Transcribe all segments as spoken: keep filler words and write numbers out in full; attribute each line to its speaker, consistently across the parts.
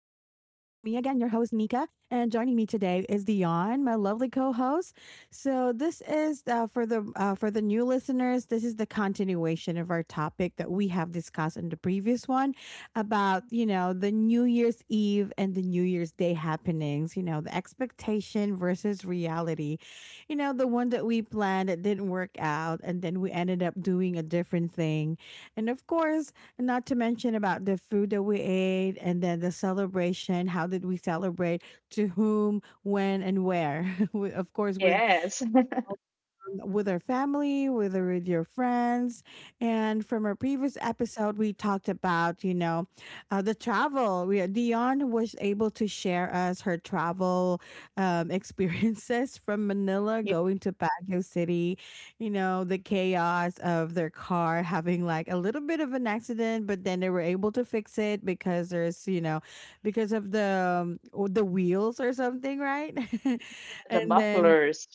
Speaker 1: your host, Nika. And joining me today is Dion, my lovely co-host. So this is uh, for the uh, for the new listeners. This is the continuation of our topic that we have discussed in the previous one about you know the New Year's Eve and the New Year's Day happenings. You know the expectation versus reality. You know the one that we planned that didn't work out, and then we ended up doing a different thing. And of course, not to mention about the food that we ate and then the celebration. How did we celebrate? To whom, when, and where? We- of course, with
Speaker 2: Yes.
Speaker 1: um, with our family, whether with your friends. And from our previous episode, we talked about, you know, uh, the travel. We, Dion was able to share us her travel um, experiences from Manila
Speaker 2: Yeah,
Speaker 1: going to Baguio City, you know, the chaos of their car having like a little bit of an accident, but then they were able to fix it because there's, you know, because of the um, the wheels or something, right?
Speaker 2: the
Speaker 1: And then
Speaker 2: mufflers.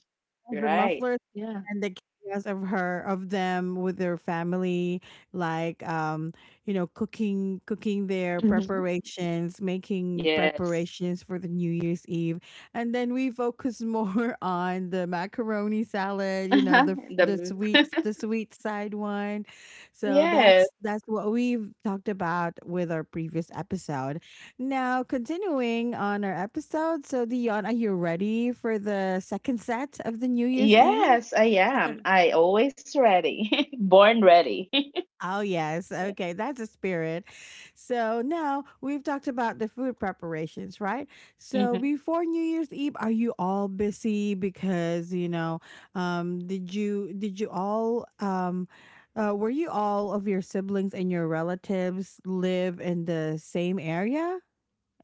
Speaker 1: the
Speaker 2: Right.
Speaker 1: muffler
Speaker 2: Yeah.
Speaker 1: and the chaos of her of them with their family, like, um you know, cooking cooking their
Speaker 2: Mhm.
Speaker 1: preparations, making
Speaker 2: Yes.
Speaker 1: preparations for the New Year's Eve. And then we focus more on the macaroni salad, you know, the f- the
Speaker 2: The
Speaker 1: sweets, the sweet side one. So
Speaker 2: yes.
Speaker 1: that's that's what we've talked about with our previous episode. Now continuing on our episode, so Dion, are you ready for the second set of the New Year's Eve?
Speaker 2: Yes, I am. I always ready. Born ready.
Speaker 1: Oh, yes. Okay. That's a spirit. So now we've talked about the food preparations, right? So
Speaker 2: Mhm.
Speaker 1: before New Year's Eve, are you all busy? Because, you know, um, did you, did you all, um, uh, were you all of your siblings and your relatives live in the same area?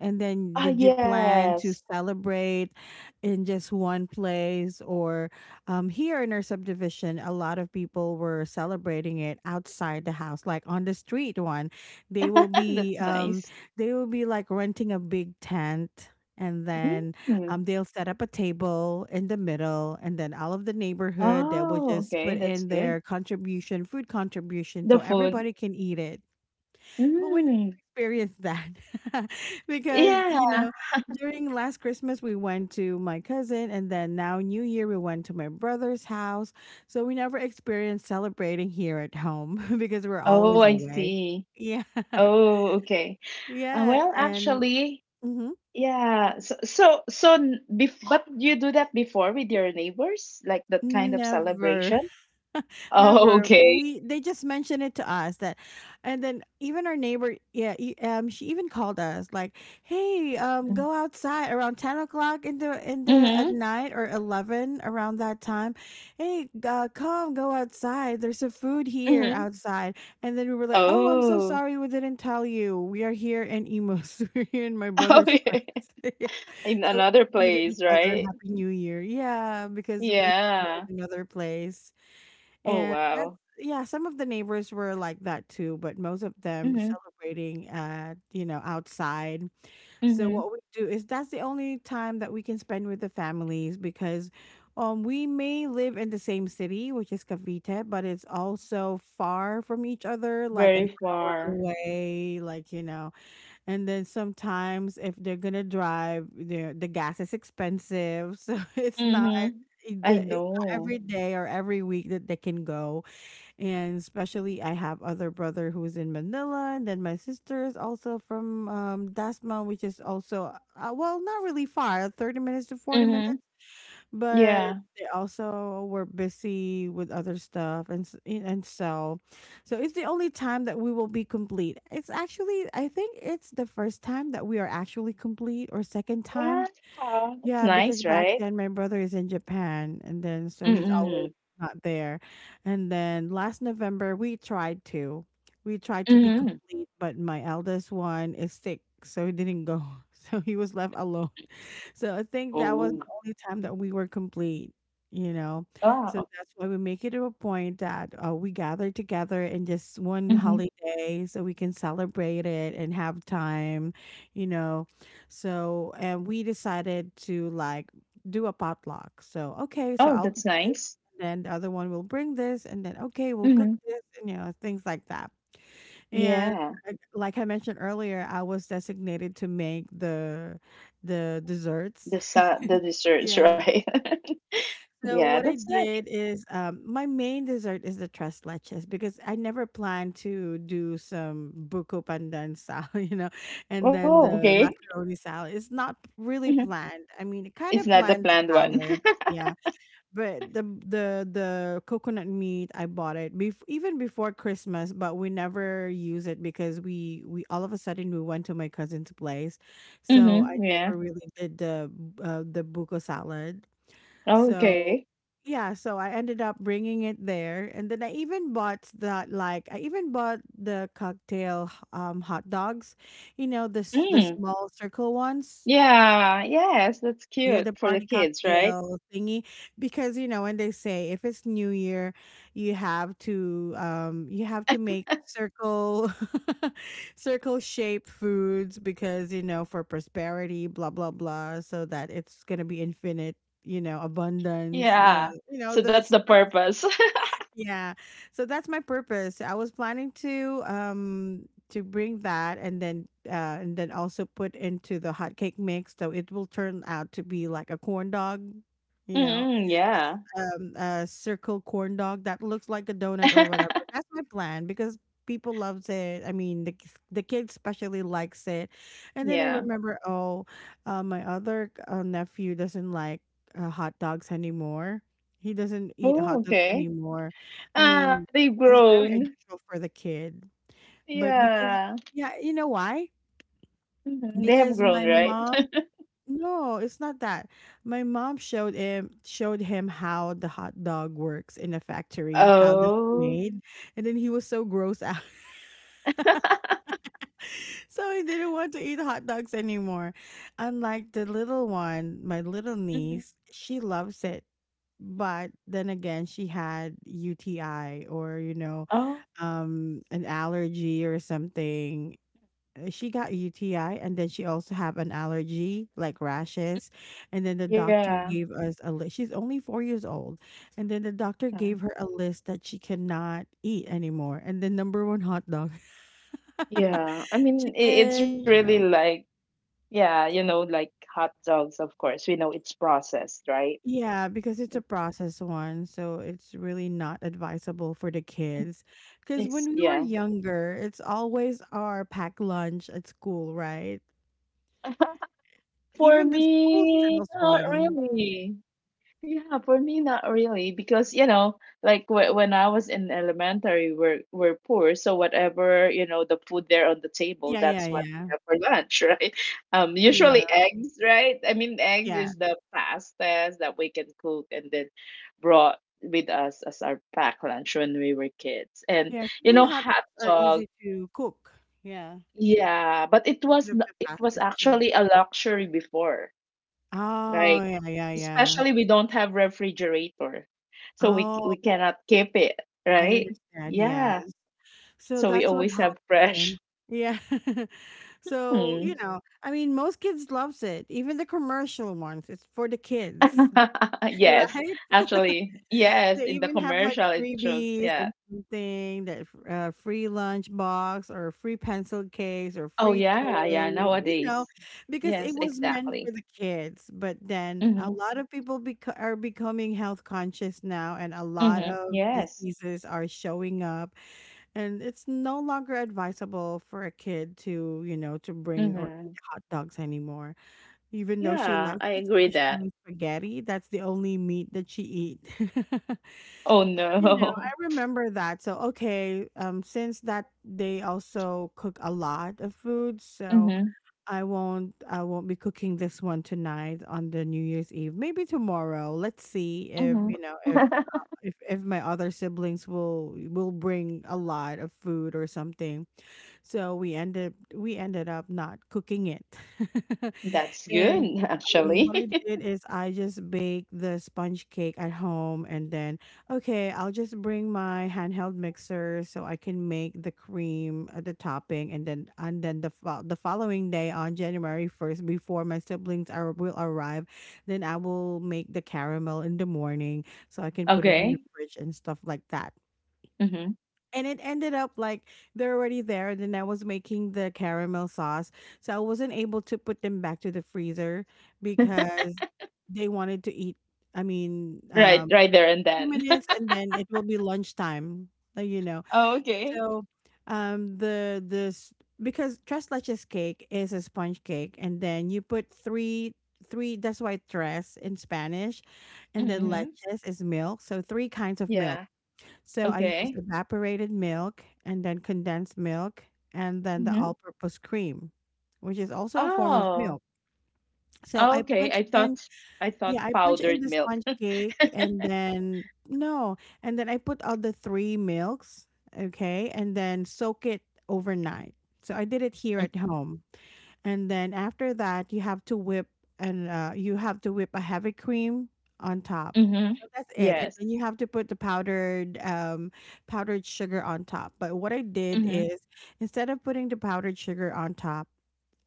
Speaker 1: And then
Speaker 2: Ah,
Speaker 1: did you plan to
Speaker 2: yes.
Speaker 1: celebrate in just one place? Or, um, here in our subdivision, a lot of people were celebrating it outside the house, like on the street one. They will be
Speaker 2: That's
Speaker 1: um,
Speaker 2: nice.
Speaker 1: they will be like renting a big tent, and then,
Speaker 2: Mm.
Speaker 1: um, they'll set up a table in the middle, and then all of the neighborhood that will
Speaker 2: Oh,
Speaker 1: just
Speaker 2: okay.
Speaker 1: put
Speaker 2: That's
Speaker 1: in
Speaker 2: good.
Speaker 1: their contribution, food contribution,
Speaker 2: The
Speaker 1: so
Speaker 2: food.
Speaker 1: everybody can eat it. But we never
Speaker 2: Mm.
Speaker 1: experienced that, because,
Speaker 2: Yeah.
Speaker 1: you know, during last Christmas, we went to my cousin, and then now New Year, we went to my brother's house. So we never experienced celebrating here at home because we're
Speaker 2: Oh,
Speaker 1: always
Speaker 2: I
Speaker 1: away.
Speaker 2: see.
Speaker 1: Yeah.
Speaker 2: Oh, okay. Uh,
Speaker 1: Yes.
Speaker 2: well,
Speaker 1: And
Speaker 2: actually,
Speaker 1: mhm,
Speaker 2: yeah. So so so n- bef but you do that before with your neighbors, like that kind of
Speaker 1: never.
Speaker 2: celebration? Oh,
Speaker 1: Never.
Speaker 2: okay.
Speaker 1: We They just mentioned it to us that, and then even our neighbor, yeah, e- um, she even called us like, "Hey, um, go outside around ten o'clock in the in the at
Speaker 2: Mm-hmm.
Speaker 1: night, or eleven, around that time. Hey, uh, come go outside. There's a food here
Speaker 2: Mm-hmm.
Speaker 1: outside." And then we were like, "Oh, I'm so
Speaker 2: Oh.
Speaker 1: sorry, we didn't tell you. We are here in Imus. We're here in my brother's place."
Speaker 2: Okay.
Speaker 1: Yeah.
Speaker 2: In
Speaker 1: So
Speaker 2: another
Speaker 1: we greeted each
Speaker 2: place,
Speaker 1: other,
Speaker 2: right?
Speaker 1: "Happy New Year!" Yeah, because we were
Speaker 2: Yeah.
Speaker 1: in another place.
Speaker 2: Oh,
Speaker 1: And that's,
Speaker 2: wow.
Speaker 1: yeah, some of the neighbors were like that too, but most of them
Speaker 2: Mm-hmm.
Speaker 1: celebrating at, you know, outside. So
Speaker 2: Mm-hmm.
Speaker 1: what we do is that's the only time that we can spend with the families, because, um we may live in the same city, which is Cavite, but it's also far from each other, like an
Speaker 2: Very
Speaker 1: hour
Speaker 2: far.
Speaker 1: away, like, you know. And then sometimes if they're gonna drive, the the gas is expensive, so it's not
Speaker 2: Mm-hmm. I
Speaker 1: the it's not
Speaker 2: know.
Speaker 1: every day or every week that they can go. And especially I have other brother who is in Manila, and then my sister is also from, um, Dasma, which is also, uh, well, not really far, thirty minutes to forty minutes,
Speaker 2: Mm-hmm.
Speaker 1: but
Speaker 2: Yeah.
Speaker 1: they also were busy with other stuff, and s- and so, so it's the only time that we will be complete. It's actually, I think it's the first time that we are actually complete, or second time.
Speaker 2: Wow. That's
Speaker 1: Yeah, because
Speaker 2: nice,
Speaker 1: back
Speaker 2: right?
Speaker 1: then my brother is in Japan, and then so he's
Speaker 2: Mm-hmm.
Speaker 1: always not there. And then last November we tried to. We tried to be
Speaker 2: Mm-hmm.
Speaker 1: complete, but my eldest one is sick, so he didn't go. So he was left alone. So I think that
Speaker 2: Oh.
Speaker 1: was the only time that we were complete, you know. So
Speaker 2: Wow.
Speaker 1: that's why we make it a point that uh, we gather together in just one
Speaker 2: Mm-hmm.
Speaker 1: holiday so we can celebrate it and have time, you know. So, and we decided to, like, do a potluck. So, okay, so
Speaker 2: Oh,
Speaker 1: I'll bring
Speaker 2: that's
Speaker 1: this,
Speaker 2: nice.
Speaker 1: and then the other one will bring this, and then, okay, we'll cook
Speaker 2: Mm-hmm.
Speaker 1: this, and, you know, things like that. And
Speaker 2: Yeah,
Speaker 1: I- like I mentioned earlier, I was designated to make the the desserts.
Speaker 2: the sa the desserts,
Speaker 1: Yeah.
Speaker 2: right?
Speaker 1: So
Speaker 2: Yeah,
Speaker 1: what I
Speaker 2: that's
Speaker 1: did
Speaker 2: nice.
Speaker 1: is, um my main dessert is the tres leches, because I never planned to do some buko pandan salad, you know, and then
Speaker 2: Oh,
Speaker 1: the
Speaker 2: okay.
Speaker 1: macaroni salad. It's not really
Speaker 2: Mhm.
Speaker 1: planned. I mean, it kind
Speaker 2: It's
Speaker 1: of
Speaker 2: not the
Speaker 1: planned the
Speaker 2: planned one.
Speaker 1: salad. Yeah, but the the the coconut meat I bought it bef- even before Christmas, but we never use it because we we all of a sudden we went to my cousin's place, so I
Speaker 2: Mm-hmm. Yeah.
Speaker 1: never really did the, uh, the buko salad.
Speaker 2: Oh, okay.
Speaker 1: So, yeah, so I ended up bringing it there, and then I even bought that, like I even bought the cocktail, um hot dogs, you know, the s- the
Speaker 2: Mm.
Speaker 1: small circle ones,
Speaker 2: Yeah. Yes, that's
Speaker 1: yeah,
Speaker 2: cute
Speaker 1: the
Speaker 2: for the
Speaker 1: party
Speaker 2: kids, right?
Speaker 1: cocktail thingy. Because, you know, when they say if it's New Year, you have to um you have to make circle circle shape foods because, you know, for prosperity, blah blah blah, so that it's gonna be infinite, you know, abundance, you know,
Speaker 2: Yeah.
Speaker 1: you know,
Speaker 2: So
Speaker 1: the
Speaker 2: that's the
Speaker 1: superstition.
Speaker 2: purpose.
Speaker 1: Yeah. So that's my purpose. I was planning to, um to bring that, and then, uh and then also put into the hot cake mix so it will turn out to be like a corn dog, you know,
Speaker 2: Mm-mm,
Speaker 1: a, s-
Speaker 2: yeah.
Speaker 1: um, a circle corn dog that looks like a donut or whatever. That's my plan because people loves it. I mean, the k- the kid especially likes it. And then I
Speaker 2: Yeah.
Speaker 1: remember, oh, uh, my other, uh, nephew doesn't like, uh, hot dogs anymore. He doesn't eat hot
Speaker 2: Oh,
Speaker 1: dogs
Speaker 2: okay.
Speaker 1: anymore. I
Speaker 2: Ah,
Speaker 1: mean,
Speaker 2: they've
Speaker 1: that's very
Speaker 2: grown.
Speaker 1: unusual for the kid. But because,
Speaker 2: Yeah.
Speaker 1: yeah, you know why?
Speaker 2: Mhm, they have
Speaker 1: Because
Speaker 2: grown,
Speaker 1: my
Speaker 2: right?
Speaker 1: mom, no, it's not that. My mom showed him showed him how the hot dog works in a factory. How does it
Speaker 2: Oh.
Speaker 1: made? And then he was so gross out, so he didn't want to eat hot dogs anymore. Unlike the little one, my little
Speaker 2: Mhm.
Speaker 1: niece, she loves it. But then again, she had U T I, or, you know,
Speaker 2: Oh,
Speaker 1: um an allergy or something. Uh, She got U T I, and then she also have an allergy, like rashes, and then the doctor
Speaker 2: yeah.
Speaker 1: gave us a list. She's only four years old, and then the doctor gave her a list that she cannot eat anymore, and then number one, hot dog,
Speaker 2: Yeah, I mean, i-
Speaker 1: chicken,
Speaker 2: it's
Speaker 1: you
Speaker 2: really
Speaker 1: know.
Speaker 2: like, yeah, you know, like hot dogs, of course, we know it's processed, right?
Speaker 1: Yeah, because it's a processed one, so it's really not advisable for the kids. Because when we
Speaker 2: It's,
Speaker 1: were
Speaker 2: yeah.
Speaker 1: younger, it's always our packed lunch at school, right?
Speaker 2: For
Speaker 1: Even the school
Speaker 2: me,
Speaker 1: sells
Speaker 2: not
Speaker 1: one.
Speaker 2: really. Yeah, for me, not really, because you know, like wh- when I was in elementary, we're we're poor, so whatever you know, the food there on the table,
Speaker 1: Yeah, yeah,
Speaker 2: that's what we
Speaker 1: yeah.
Speaker 2: have for lunch, right? Um,
Speaker 1: Yeah.
Speaker 2: usually eggs, right? I mean, eggs
Speaker 1: Yeah,
Speaker 2: is the fastest that we can cook, and then brought with us as our pack lunch when we were kids, and
Speaker 1: yes.
Speaker 2: you
Speaker 1: Even
Speaker 2: know,
Speaker 1: hot
Speaker 2: hot
Speaker 1: dogs are
Speaker 2: dog.
Speaker 1: easy to cook. Yeah.
Speaker 2: Yeah, but it
Speaker 1: One
Speaker 2: was
Speaker 1: of
Speaker 2: n-
Speaker 1: the
Speaker 2: it was
Speaker 1: fastest too.
Speaker 2: actually a luxury before
Speaker 1: Oh,
Speaker 2: like,
Speaker 1: yeah, yeah, yeah.
Speaker 2: especially we don't have refrigerator, so we c-
Speaker 1: Oh,
Speaker 2: we cannot keep it,
Speaker 1: I
Speaker 2: right?
Speaker 1: understand. Yes.
Speaker 2: Yeah.
Speaker 1: So
Speaker 2: So we
Speaker 1: that's what
Speaker 2: always have
Speaker 1: happened.
Speaker 2: fresh.
Speaker 1: Yeah. So, you
Speaker 2: Hmm.
Speaker 1: know, I mean, most kids loves it. Even the commercial ones. It's for the kids,
Speaker 2: Yes,
Speaker 1: right?
Speaker 2: actually, yes,
Speaker 1: They
Speaker 2: in the
Speaker 1: even have like
Speaker 2: commercial it shows,
Speaker 1: freebies
Speaker 2: yeah.
Speaker 1: and something, that, uh, free lunch box or free pencil case or
Speaker 2: Oh
Speaker 1: free
Speaker 2: yeah, yeah,
Speaker 1: toy, which, you know,
Speaker 2: nowadays.
Speaker 1: because it
Speaker 2: Yes,
Speaker 1: was meant for
Speaker 2: exactly.
Speaker 1: the kids. But then a
Speaker 2: Mhm.
Speaker 1: lot of people beco- are becoming health conscious now, and a lot
Speaker 2: Mhm.
Speaker 1: of
Speaker 2: Yes.
Speaker 1: diseases are showing up, and it's no longer advisable for a kid to, you know, to bring or eat
Speaker 2: Mhm.
Speaker 1: hot dogs anymore. Even though she
Speaker 2: Yeah,
Speaker 1: likes
Speaker 2: I
Speaker 1: it,
Speaker 2: agree that.
Speaker 1: especially on spaghetti, that's the only meat that she eat.
Speaker 2: Oh
Speaker 1: You know,
Speaker 2: no.
Speaker 1: I remember that. So, okay, um, since that they also cook a lot of food, so
Speaker 2: Mhm.
Speaker 1: I won't I won't be cooking this one tonight on the New Year's Eve. Maybe tomorrow. Let's see if,
Speaker 2: Mhm.
Speaker 1: you know, if uh, if if my other siblings will will bring a lot of food or something. So we ended we ended up not cooking it.
Speaker 2: That's
Speaker 1: And,
Speaker 2: good,
Speaker 1: um,
Speaker 2: actually.
Speaker 1: what I did is I just baked the sponge cake at home, and then okay, I'll just bring my handheld mixer so I can make the cream, uh, the topping, and then and then the fo- the following day on January first, before my siblings are will arrive, then I will make the caramel in the morning so I can put it in the
Speaker 2: Okay.
Speaker 1: fridge and stuff like that.
Speaker 2: Mhm.
Speaker 1: And it ended up like they're already there. Then I was making the caramel sauce, so I wasn't able to put them back to the freezer because they wanted to eat. I mean,
Speaker 2: Right,
Speaker 1: um,
Speaker 2: right there
Speaker 1: a
Speaker 2: and
Speaker 1: few
Speaker 2: then.
Speaker 1: minutes, and then it will be lunchtime. uh, You know,
Speaker 2: Oh, okay.
Speaker 1: so um, the this because tres leches cake is a sponge cake, and then you put three three. That's why tres in Spanish, and then
Speaker 2: Mm-hmm.
Speaker 1: leches is milk. So three kinds of milk.
Speaker 2: Yeah.
Speaker 1: So I use
Speaker 2: Okay.
Speaker 1: evaporated milk and then condensed milk, and then the
Speaker 2: Mm-hmm.
Speaker 1: all purpose cream, which is also a form of
Speaker 2: Oh.
Speaker 1: milk. So I
Speaker 2: Okay.
Speaker 1: punch
Speaker 2: I
Speaker 1: in,
Speaker 2: thought I thought
Speaker 1: yeah, I punch in
Speaker 2: powdered
Speaker 1: the
Speaker 2: milk.
Speaker 1: sponge cake and then, no, and then I put all the three milks, okay, and then soak it overnight. So I did it here at
Speaker 2: Okay.
Speaker 1: home, and then after that you have to whip, and uh, you have to whip a heavy cream on top.
Speaker 2: Mm-hmm.
Speaker 1: So that's it, and
Speaker 2: Yes.
Speaker 1: then you have to put the powdered um, powdered sugar on top. But what I did
Speaker 2: Mm-hmm.
Speaker 1: is, instead of putting the powdered sugar on top,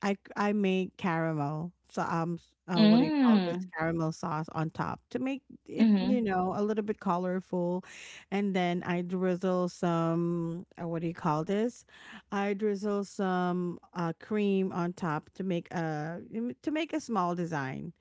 Speaker 1: I I made caramel. So um, s- uh, what do you call this,
Speaker 2: Mm.
Speaker 1: caramel sauce on top to make it, you
Speaker 2: Mm-hmm.
Speaker 1: know, a little bit colorful, and then I drizzle some uh, what do you call this? I drizzle some uh cream on top to make a to make a small design.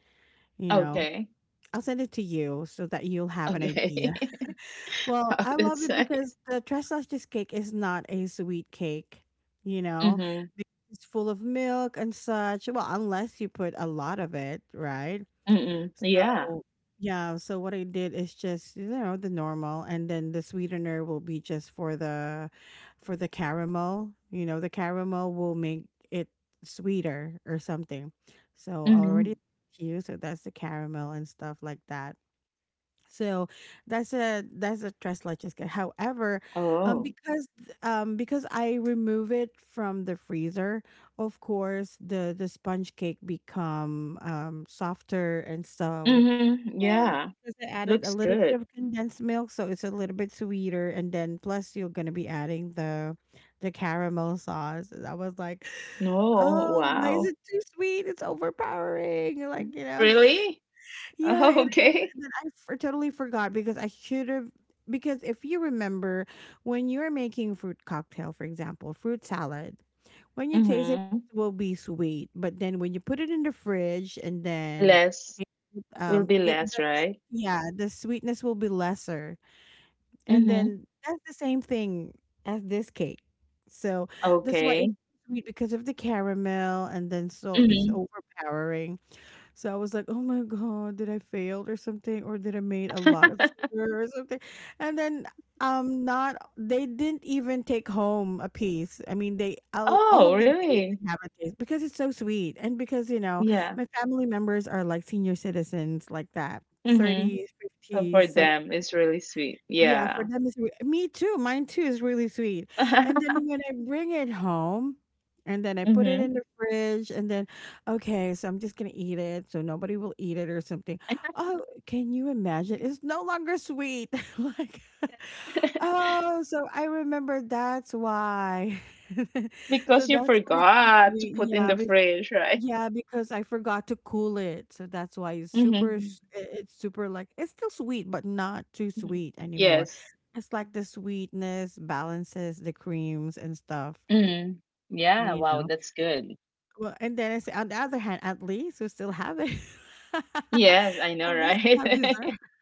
Speaker 1: You know,
Speaker 2: Okay.
Speaker 1: I'll send it to you so that you'll have an
Speaker 2: Okay.
Speaker 1: idea. Well,
Speaker 2: Wow,
Speaker 1: I love
Speaker 2: that's
Speaker 1: it
Speaker 2: nice.
Speaker 1: because the tres leches cake is not a sweet cake, you know,
Speaker 2: Mm-hmm.
Speaker 1: because it's full of milk and such. Well, unless you put a lot of it, right?
Speaker 2: Mm-mm. Yeah.
Speaker 1: So, yeah, so what I did is just, you know, the normal, and then the sweetener will be just for the for the caramel. You know, the caramel will make it sweeter or something. So,
Speaker 2: Mm-hmm.
Speaker 1: already you, so that's the caramel and stuff like that. So that's a that's a tres leches cake. However, um,
Speaker 2: Oh.
Speaker 1: because um, because I remove it from the freezer, of course the the sponge cake become um, softer, and so,
Speaker 2: Mm-hmm.
Speaker 1: and
Speaker 2: Yeah.
Speaker 1: because I added
Speaker 2: Looks
Speaker 1: a little bit
Speaker 2: good.
Speaker 1: of condensed milk, so it's a little bit sweeter. And then plus you're gonna be adding the the caramel sauce. And I was like,
Speaker 2: No.
Speaker 1: oh, why is it
Speaker 2: Wow.
Speaker 1: too sweet? It's overpowering. Like, you know.
Speaker 2: Really?
Speaker 1: Yeah, it is. And
Speaker 2: Okay.
Speaker 1: then I f- totally forgot because I should have. Because if you remember, when you're making fruit cocktail, for example, fruit salad, when you taste it,
Speaker 2: Mm-hmm.
Speaker 1: it will be sweet. But then when you put it in the fridge and then
Speaker 2: Less. Will
Speaker 1: um
Speaker 2: be
Speaker 1: it the,
Speaker 2: less,
Speaker 1: the,
Speaker 2: right?
Speaker 1: yeah, the sweetness will be lesser, and
Speaker 2: Mm-hmm.
Speaker 1: then that's the same thing as this cake. So that's why it's
Speaker 2: Okay.
Speaker 1: sweet because of the caramel, and then so it's
Speaker 2: Mm-hmm.
Speaker 1: overpowering. So I was like, oh my God, did I fail or something? Or did I made a lot of sugar or something? And then um not they didn't even take home a piece. I mean they all, all
Speaker 2: Oh,
Speaker 1: of them ate
Speaker 2: really?
Speaker 1: and have a taste because it's so sweet. And because, you know,
Speaker 2: Yeah.
Speaker 1: my family members are like senior citizens like that,
Speaker 2: Mm-hmm.
Speaker 1: thirties,
Speaker 2: So for
Speaker 1: fifties.
Speaker 2: them, it's really sweet.
Speaker 1: Yeah, for
Speaker 2: Yeah.
Speaker 1: them is, me too. Mine too is really sweet. And then when I bring it home, and then I put it
Speaker 2: Mm-hmm.
Speaker 1: in the fridge, and then okay, so I'm just gonna eat it, so nobody will eat it or something. Oh, can you imagine? It's no longer sweet. Like, oh, so I remember that's why. So
Speaker 2: Because you
Speaker 1: that's why it's so
Speaker 2: forgot to
Speaker 1: sweet.
Speaker 2: put in
Speaker 1: Yeah,
Speaker 2: the fridge, right?
Speaker 1: yeah, because I forgot to cool it. So that's why it's super,
Speaker 2: Mm-hmm.
Speaker 1: s- i- it's super, like, it's still sweet, but not too sweet anymore.
Speaker 2: Yes.
Speaker 1: It's like the sweetness balances the creams and stuff,
Speaker 2: Mm-hmm. Yeah,
Speaker 1: you
Speaker 2: wow,
Speaker 1: know.
Speaker 2: that's good.
Speaker 1: Well, and then I say, on the other hand, at least we still have it.
Speaker 2: Yes, I
Speaker 1: At
Speaker 2: know,
Speaker 1: least we have dessert.
Speaker 2: right?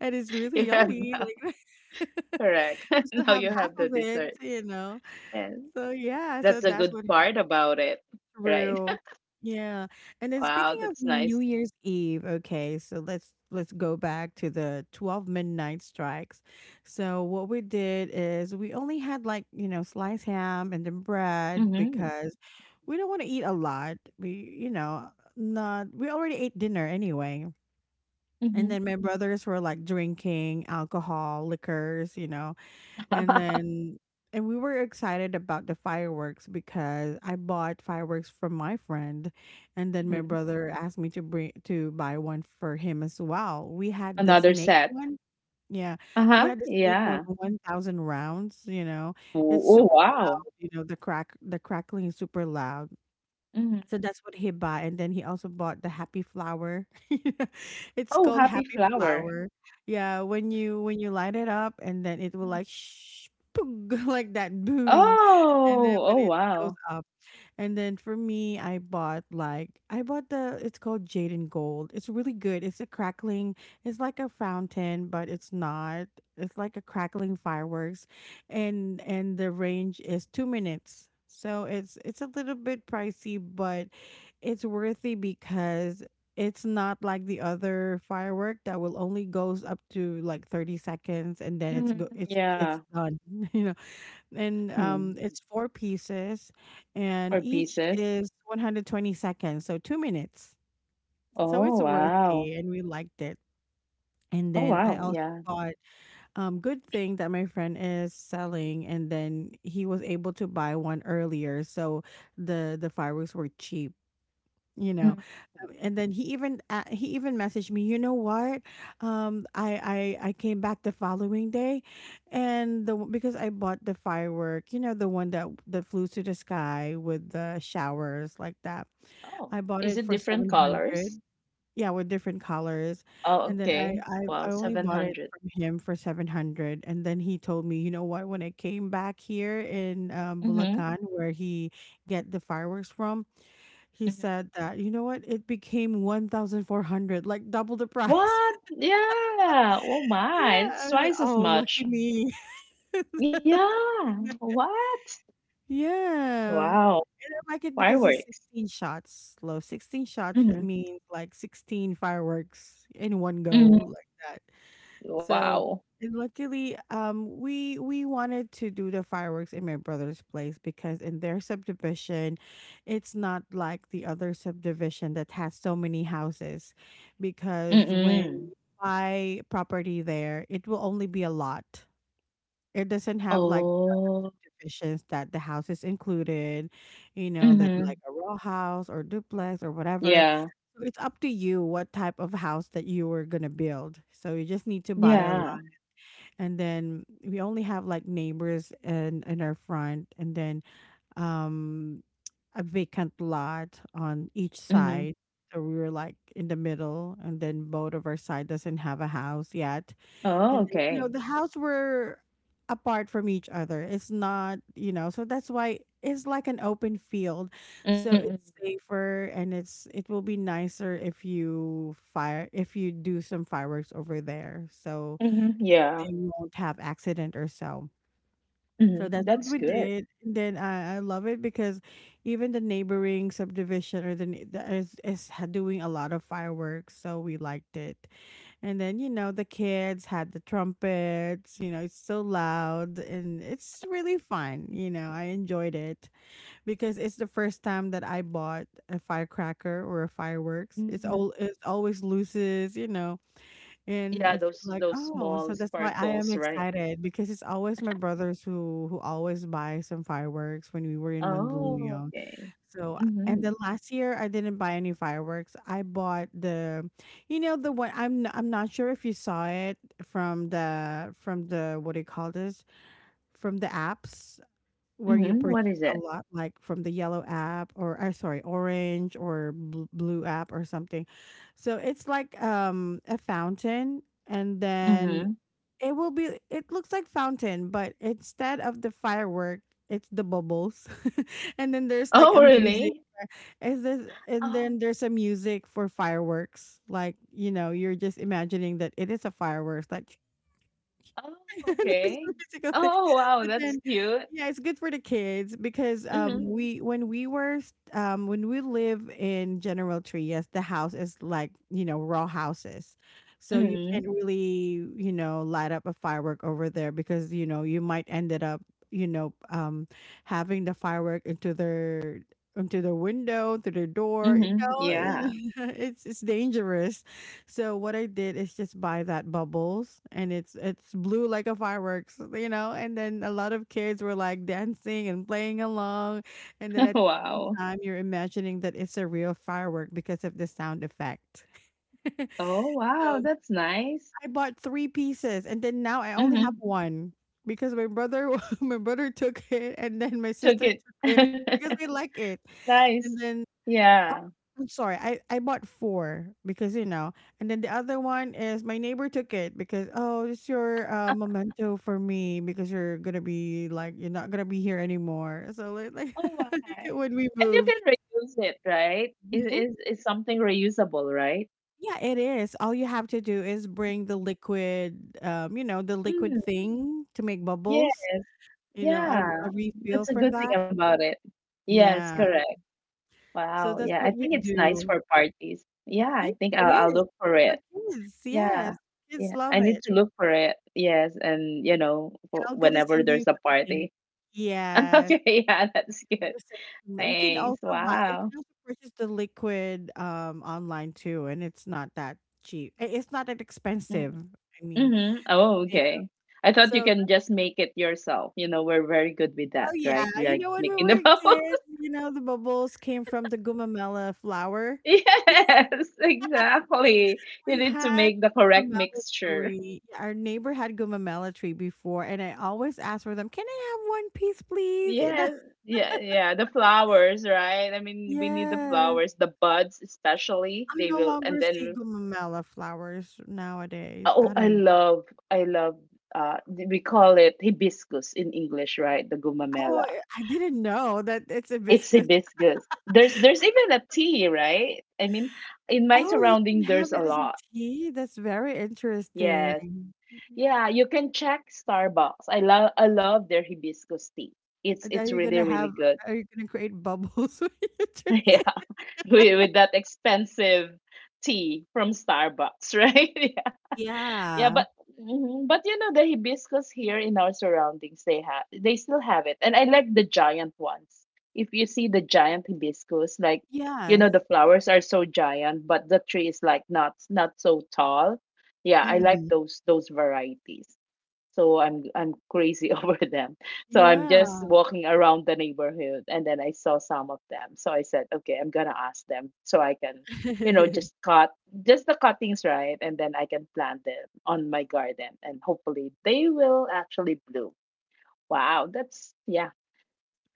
Speaker 1: And it's really
Speaker 2: You have
Speaker 1: yummy.
Speaker 2: now.
Speaker 1: Like,
Speaker 2: Correct.
Speaker 1: we still
Speaker 2: Now
Speaker 1: have
Speaker 2: you
Speaker 1: half
Speaker 2: have the
Speaker 1: of it,
Speaker 2: dessert.
Speaker 1: you know.
Speaker 2: And
Speaker 1: So yeah, so
Speaker 2: that's a
Speaker 1: that's
Speaker 2: good
Speaker 1: what.
Speaker 2: part about it, right?
Speaker 1: True. Yeah. And then
Speaker 2: Wow,
Speaker 1: speaking of
Speaker 2: that's
Speaker 1: New
Speaker 2: nice.
Speaker 1: Year's Eve, okay, so let's let's go back to the twelve midnight strikes. So what we did is we only had like, you know, sliced ham and then bread
Speaker 2: Mhm,
Speaker 1: because we don't want to eat a lot. We, you know, not we already ate dinner anyway. And
Speaker 2: mhm,
Speaker 1: then my brothers were like drinking alcohol, liquors, you know, and then, and we were excited about the fireworks because I bought fireworks from my friend, and then my
Speaker 2: mhm.
Speaker 1: brother asked me to bring to buy one for him as well. We had the
Speaker 2: Another
Speaker 1: snake
Speaker 2: set.
Speaker 1: one. Yeah. We
Speaker 2: Uh-huh,
Speaker 1: had the snake
Speaker 2: yeah.
Speaker 1: one, 1000 rounds, you know.
Speaker 2: Oh,
Speaker 1: It's
Speaker 2: oh,
Speaker 1: super
Speaker 2: wow.
Speaker 1: loud, you know, the crack the crackling is super loud.
Speaker 2: Mhm.
Speaker 1: So that's what he bought, and then he also bought the happy flower. It's
Speaker 2: Oh,
Speaker 1: called
Speaker 2: happy
Speaker 1: happy
Speaker 2: flower.
Speaker 1: flower. Yeah, when you when you light it up, and then it will
Speaker 2: Mhm.
Speaker 1: like shh, like that, boom, and then
Speaker 2: Oh,
Speaker 1: when
Speaker 2: oh,
Speaker 1: it goes
Speaker 2: wow.
Speaker 1: up. And then for me, I bought like I bought the, it's called Jade and Gold. It's really good. It's a crackling. It's like a fountain, but it's not. It's like a crackling fireworks, and and the range is two minutes, so it's it's a little bit pricey, but it's worthy because it's not like the other firework that will only goes up to like thirty seconds, and then it's
Speaker 2: Mhm.
Speaker 1: go it's
Speaker 2: Yeah.
Speaker 1: it's done. You know, and
Speaker 2: Hmm.
Speaker 1: um it's four pieces, and
Speaker 2: Four
Speaker 1: each
Speaker 2: pieces.
Speaker 1: is one hundred twenty seconds, so two minutes. So
Speaker 2: Oh,
Speaker 1: it's
Speaker 2: wow.
Speaker 1: worthy and we liked it. And
Speaker 2: Oh,
Speaker 1: then I
Speaker 2: wow.
Speaker 1: also
Speaker 2: Yeah.
Speaker 1: bought, um good thing that my friend is selling, and then he was able to buy one earlier, so the the fireworks were cheap, you know.
Speaker 2: Mhm.
Speaker 1: Um, and then he even uh, he even messaged me, you know what, um I, I I came back the following day, and the because I bought the firework, you know, the one that that flew to the sky with the showers like that.
Speaker 2: Oh,
Speaker 1: I bought
Speaker 2: is
Speaker 1: it
Speaker 2: it
Speaker 1: for
Speaker 2: different colors?
Speaker 1: seven hundred, yeah, with different colors.
Speaker 2: Oh,
Speaker 1: And then I,
Speaker 2: okay.
Speaker 1: I,
Speaker 2: Wow,
Speaker 1: I only bought it
Speaker 2: seven hundred.
Speaker 1: from him for seven hundred. And then he told me, you know what, when I came back here in um,
Speaker 2: Mm-hmm.
Speaker 1: Bulacan, where he get the fireworks from, he
Speaker 2: Mm-hmm.
Speaker 1: said that, you know what, it became one thousand four hundred, like double the price.
Speaker 2: What? Yeah. Oh my,
Speaker 1: Yeah.
Speaker 2: it's
Speaker 1: I was like,
Speaker 2: twice as
Speaker 1: oh,
Speaker 2: much.
Speaker 1: lucky me.
Speaker 2: Yeah. What?
Speaker 1: Yeah. And
Speaker 2: Wow.
Speaker 1: I like it because it's
Speaker 2: Fireworks.
Speaker 1: sixteen shots slow. sixteen shots, that
Speaker 2: Mhm,
Speaker 1: means like sixteen fireworks in one
Speaker 2: mhm.
Speaker 1: go, like that. So,
Speaker 2: Wow.
Speaker 1: and luckily, um, we we wanted to do the fireworks in my brother's place because in their subdivision, it's not like the other subdivision that has so many houses. Because when
Speaker 2: Mm.
Speaker 1: you buy property there, it will only be a lot. It doesn't have like the
Speaker 2: Oh.
Speaker 1: subdivisions that the house is included, you know, that
Speaker 2: Mhm.
Speaker 1: like a row house or duplex or whatever.
Speaker 2: Yeah.
Speaker 1: So it's up to you what type of house that you were gonna build. So you just need to buy a,
Speaker 2: Yeah.
Speaker 1: and then we only have like neighbors in in our front, and then um a vacant lot on each
Speaker 2: Mhm.
Speaker 1: side, so we were like in the middle, and then both of our side doesn't have a house yet. And
Speaker 2: Oh,
Speaker 1: then, you know,
Speaker 2: okay.
Speaker 1: the house were apart from each other. It's not, you know, so that's why it's like an open field. So
Speaker 2: Mm.
Speaker 1: it's safer, and it's it will be nicer if you fire if you do some fireworks over there, so
Speaker 2: Mhm. Yeah.
Speaker 1: they won't have accident or so. So
Speaker 2: Mhm.
Speaker 1: that's what
Speaker 2: That's
Speaker 1: we
Speaker 2: good.
Speaker 1: did. And then I, I love it because even the neighboring subdivision or the ne- the- is is ha- doing a lot of fireworks, so we liked it. And then you know the kids had the trumpets. You know it's so loud and it's really fun. You know I enjoyed it because it's the first time that I bought a firecracker or a fireworks.
Speaker 2: Mhm.
Speaker 1: It's all, it always loses. You know,
Speaker 2: Yeah,
Speaker 1: and I
Speaker 2: those
Speaker 1: feel like,
Speaker 2: those
Speaker 1: oh,
Speaker 2: small
Speaker 1: so that's why I
Speaker 2: sparkles,
Speaker 1: am
Speaker 2: right?
Speaker 1: excited, because it's always my brothers who who always buy some fireworks when we were in
Speaker 2: Oh,
Speaker 1: Mandaluyong.
Speaker 2: okay.
Speaker 1: So, and
Speaker 2: Mhm.
Speaker 1: then last year I didn't buy any fireworks. I bought the, you know, the one I'm n- I'm not sure if you saw it from the from the what do you call this, from the apps where you
Speaker 2: Mhm. What
Speaker 1: purchase
Speaker 2: is
Speaker 1: a
Speaker 2: it?
Speaker 1: lot, like from the yellow app or uh, sorry, orange or bl- blue app or something. So it's like um a fountain, and then
Speaker 2: Mhm.
Speaker 1: it will be, it looks like fountain, but instead of the firework, it's the bubbles. And then there's like a
Speaker 2: Oh,
Speaker 1: music,
Speaker 2: really?
Speaker 1: is this, and
Speaker 2: Oh,
Speaker 1: then there's a music for fireworks, like you know, you're just imagining that it is a fireworks, like
Speaker 2: oh,
Speaker 1: there's a
Speaker 2: okay.
Speaker 1: musical thing.
Speaker 2: Oh, wow,
Speaker 1: But
Speaker 2: that's
Speaker 1: then,
Speaker 2: cute.
Speaker 1: yeah, it's good for the kids because um
Speaker 2: Mhm.
Speaker 1: we, when we were s- um when we live in General Tree, yes, the house is like, you know, raw houses. So you can't
Speaker 2: Mhm.
Speaker 1: really, you know, light up a firework over there because, you know, you might ended up, you know, um having the firework into their, into their window, to their door,
Speaker 2: Mhm. Yeah.
Speaker 1: you know, it's it's dangerous. So what I did is just buy that bubbles, and it's it's blue like a fireworks, you know, and then a lot of kids were like dancing and playing along, and then at the same
Speaker 2: Wow.
Speaker 1: time you're imagining that it's a real firework because of the sound effect.
Speaker 2: Oh, wow.
Speaker 1: So
Speaker 2: That's nice.
Speaker 1: I bought three pieces, and then now I only have
Speaker 2: Mm-hmm.
Speaker 1: one because my brother, my brother took it, and then my
Speaker 2: Took
Speaker 1: sister
Speaker 2: it.
Speaker 1: took it because they like it. And
Speaker 2: Nice.
Speaker 1: then
Speaker 2: Yeah.
Speaker 1: I'm sorry. I I bought four because, you know, and then the other one is my neighbor took it because, oh, it's your uh, memento for me because you're gonna be like, you're not gonna be here anymore. So like, like
Speaker 2: Oh, wow.
Speaker 1: when we
Speaker 2: And you can
Speaker 1: moved,
Speaker 2: reuse it, right? Is
Speaker 1: mhm.
Speaker 2: is is something reusable, right?
Speaker 1: Yeah, it is. All you have to do is bring the liquid, um, you know, the liquid
Speaker 2: Mm,
Speaker 1: thing to make
Speaker 2: yes.
Speaker 1: bubbles. You know, a,
Speaker 2: Yeah.
Speaker 1: a refill
Speaker 2: That's a
Speaker 1: for
Speaker 2: good thing
Speaker 1: that.
Speaker 2: about it. Yes,
Speaker 1: Yeah.
Speaker 2: correct.
Speaker 1: So
Speaker 2: Wow.
Speaker 1: that's
Speaker 2: Yeah,
Speaker 1: what
Speaker 2: I
Speaker 1: we
Speaker 2: think it's nice
Speaker 1: do.
Speaker 2: for parties. Yeah,
Speaker 1: Yeah,
Speaker 2: I think
Speaker 1: it
Speaker 2: I'll I'll
Speaker 1: is.
Speaker 2: look for
Speaker 1: It's for
Speaker 2: it.
Speaker 1: kids.
Speaker 2: Yeah.
Speaker 1: Yes, kids
Speaker 2: Yeah,
Speaker 1: love
Speaker 2: I need
Speaker 1: it.
Speaker 2: to look for it. Yes, and you know, for
Speaker 1: I'm gonna
Speaker 2: whenever
Speaker 1: send you
Speaker 2: there's a
Speaker 1: some link.
Speaker 2: party.
Speaker 1: Yes,
Speaker 2: Okay, yeah, that's
Speaker 1: I'm
Speaker 2: good.
Speaker 1: gonna send you some- you can
Speaker 2: Thanks.
Speaker 1: also buy, you
Speaker 2: Wow.
Speaker 1: can also purchase the liquid, um, online too, and it's not that cheap. I, it's not that expensive, I mean.
Speaker 2: Mm-hmm. Oh,
Speaker 1: Yeah.
Speaker 2: okay. I thought you
Speaker 1: So the,
Speaker 2: can just make it yourself. You know, we're very good with that,
Speaker 1: oh, yeah,
Speaker 2: right?
Speaker 1: you
Speaker 2: Like
Speaker 1: know, when we
Speaker 2: making the
Speaker 1: were
Speaker 2: bubble.
Speaker 1: kids, you know, the bubbles came from the gumamela flower.
Speaker 2: Yes, exactly. You
Speaker 1: We
Speaker 2: need to
Speaker 1: had
Speaker 2: make the correct
Speaker 1: gumamela
Speaker 2: mixture.
Speaker 1: tree. Yeah, our neighbor had gumamela tree before, and I always asked for them, "Can I have one piece, please?" You know?
Speaker 2: Yes, yeah, yeah. The flowers, right? I mean, we need the
Speaker 1: Yes.
Speaker 2: flowers, the buds especially.
Speaker 1: I
Speaker 2: They
Speaker 1: no
Speaker 2: will, and
Speaker 1: longer see
Speaker 2: then
Speaker 1: gumamela flowers nowadays.
Speaker 2: oh,
Speaker 1: I
Speaker 2: I
Speaker 1: don't.
Speaker 2: love, I love. Uh, we call it hibiscus in English, right? The
Speaker 1: Oh,
Speaker 2: gumamela.
Speaker 1: eh, I didn't know that it's
Speaker 2: It's
Speaker 1: hibiscus.
Speaker 2: hibiscus. There's there's even a tea, right? I mean, in my
Speaker 1: Oh, you can
Speaker 2: surroundings,
Speaker 1: have
Speaker 2: there's a
Speaker 1: it as a
Speaker 2: lot.
Speaker 1: tea? That's very
Speaker 2: Yes,
Speaker 1: interesting.
Speaker 2: yeah. You can check Starbucks. I love I love their hibiscus tea. It's
Speaker 1: And are
Speaker 2: it's
Speaker 1: you
Speaker 2: really
Speaker 1: gonna
Speaker 2: really
Speaker 1: have,
Speaker 2: good.
Speaker 1: are you gonna create bubbles when you drink
Speaker 2: Yeah,
Speaker 1: it?
Speaker 2: with, with that expensive tea from Starbucks, right? Yeah,
Speaker 1: Yeah.
Speaker 2: but mhm, but you know the hibiscus here in our surroundings, they have they still have it, and I like the giant ones. If you see the giant hibiscus, like you know the
Speaker 1: Yes.
Speaker 2: flowers are so giant, but the tree is like not not so tall. Yeah, I like
Speaker 1: Mhm.
Speaker 2: those those varieties so I'm I'm crazy over them. So I'm just
Speaker 1: Yeah.
Speaker 2: walking around the neighborhood and then I saw some of them. So I said, okay, I'm gonna ask them so I can, you know, just cut just the cuttings right and then I can plant them on my garden and hopefully they will actually bloom. Wow, that's yeah.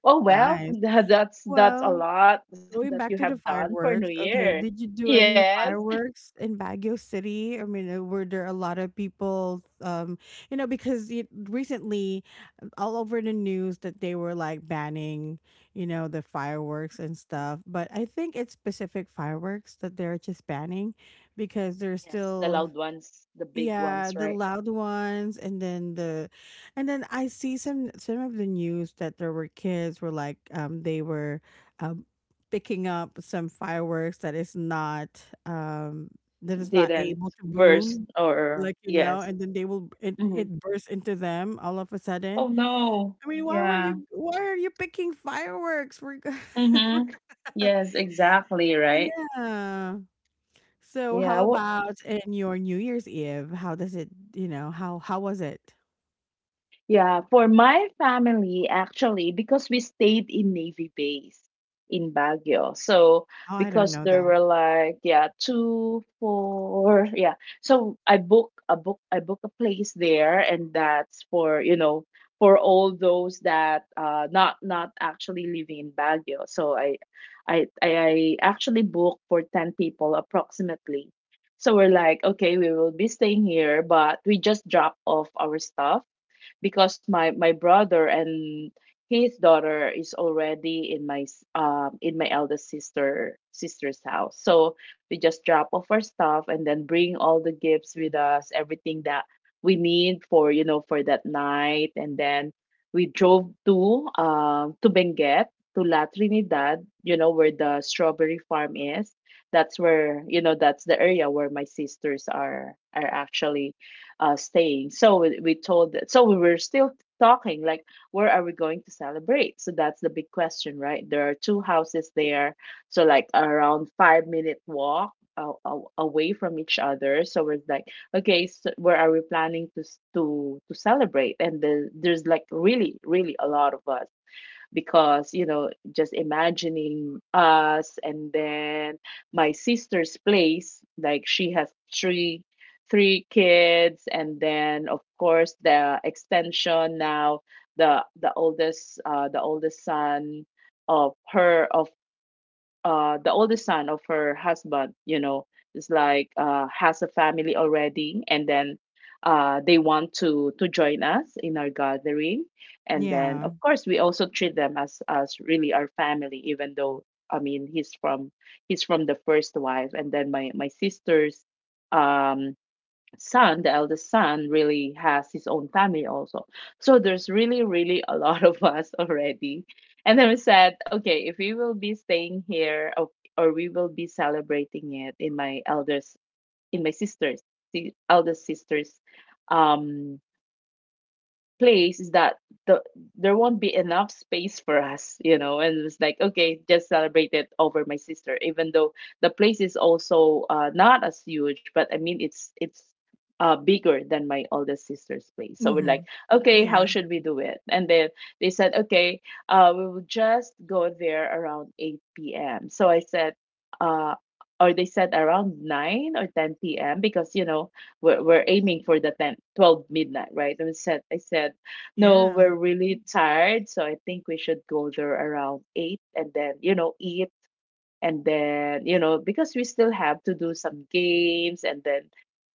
Speaker 2: Oh well,
Speaker 1: Nice.
Speaker 2: that's that's a
Speaker 1: Well,
Speaker 2: lot that
Speaker 1: going
Speaker 2: you
Speaker 1: back to
Speaker 2: have
Speaker 1: the
Speaker 2: done for New
Speaker 1: fireworks,
Speaker 2: Year.
Speaker 1: okay, did you do any
Speaker 2: Yes.
Speaker 1: fireworks in Baguio City? I mean, uh, were there a lot of people, um, you know, because it, recently, um, all over the news that they were like banning, you know, the fireworks and stuff. But I think it's specific fireworks that they're just banning because they're
Speaker 2: Yes, the
Speaker 1: still,
Speaker 2: loud ones, the big ones,
Speaker 1: yeah, the
Speaker 2: right?
Speaker 1: loud ones, and then the, and then I see some some of the news that there were kids were like, um they were, um picking up some fireworks that is not, um that is not
Speaker 2: Didn't
Speaker 1: able to
Speaker 2: burst
Speaker 1: boom,
Speaker 2: or
Speaker 1: like, you know,
Speaker 2: yes.
Speaker 1: and then they will, it
Speaker 2: Mhm.
Speaker 1: it bursts into them all of a
Speaker 2: Oh
Speaker 1: sudden.
Speaker 2: no.
Speaker 1: I mean, why were
Speaker 2: Yeah.
Speaker 1: you, why are you picking fireworks for, for
Speaker 2: Mm-hmm. Yes, exactly, right?
Speaker 1: yeah, so how
Speaker 2: Yeah.
Speaker 1: about in your New Year's Eve? How does it, you know, how how was it?
Speaker 2: Yeah, for my family, actually, because we stayed in Navy Base in Baguio. So,
Speaker 1: Oh, I don't
Speaker 2: because
Speaker 1: know
Speaker 2: there
Speaker 1: that.
Speaker 2: were like, yeah, two, four, yeah. So I book a book, I book a place there, and that's for, you know, for all those that uh not not actually living in Baguio. So I I I I actually book for 10 people approximately. So we're like, okay, we will be staying here, but we just drop off our stuff because my my brother and his daughter is already in my s- um in my eldest sister sister's house. So we just drop off our stuff and then bring all the gifts with us, everything that we need for you know for that night, and then we drove to um to Benguet, to La Trinidad, you know where the strawberry farm is. That's where, you know, that's the area where my sisters are are actually uh, staying. So we, we told that. So we were still talking like where are we going to celebrate, so that's the big question. Right there are two houses there, so like around five minute walk a- away from each other, so we're like, okay, so where are we planning to s- to to celebrate? And the, there's like really really a lot of us because, you know, just imagining us and then my sister's place, like she has three three kids, and then of course the extension now, the the oldest, uh the oldest son of her of uh the oldest son of her husband, you know, is like uh has a family already, and then uh they want to to join us in our gathering. And then
Speaker 1: Yeah.
Speaker 2: of course we also treat them as as really our family, even though, I mean, he's from he's from the first wife, and then my my sisters um son, the eldest son, really has his own family also. So there's really, really a lot of us already. And then we said, okay, if we will be staying here, or or we will be celebrating it in my elders, in my sister's, the eldest sister's um, place, is that the there won't be enough space for us, you know. And it was like, okay, just celebrate it over my sister, even though the place is also uh, not as huge, but I mean it's it's uh, bigger than my oldest sister's place. So we're like,
Speaker 1: Mm-hmm.
Speaker 2: okay, how
Speaker 1: Yeah.
Speaker 2: should we do it? And then they said, okay, uh, we will just go there around eight p m. So I said, uh, or they said around nine or ten p m because, you know, we're, we're aiming for the ten twelve midnight, right. And I said i said no,
Speaker 1: Yeah.
Speaker 2: we're really tired, so I think we should go there around eight, and then, you know, eat, and then, you know, because we still have to do some games, and then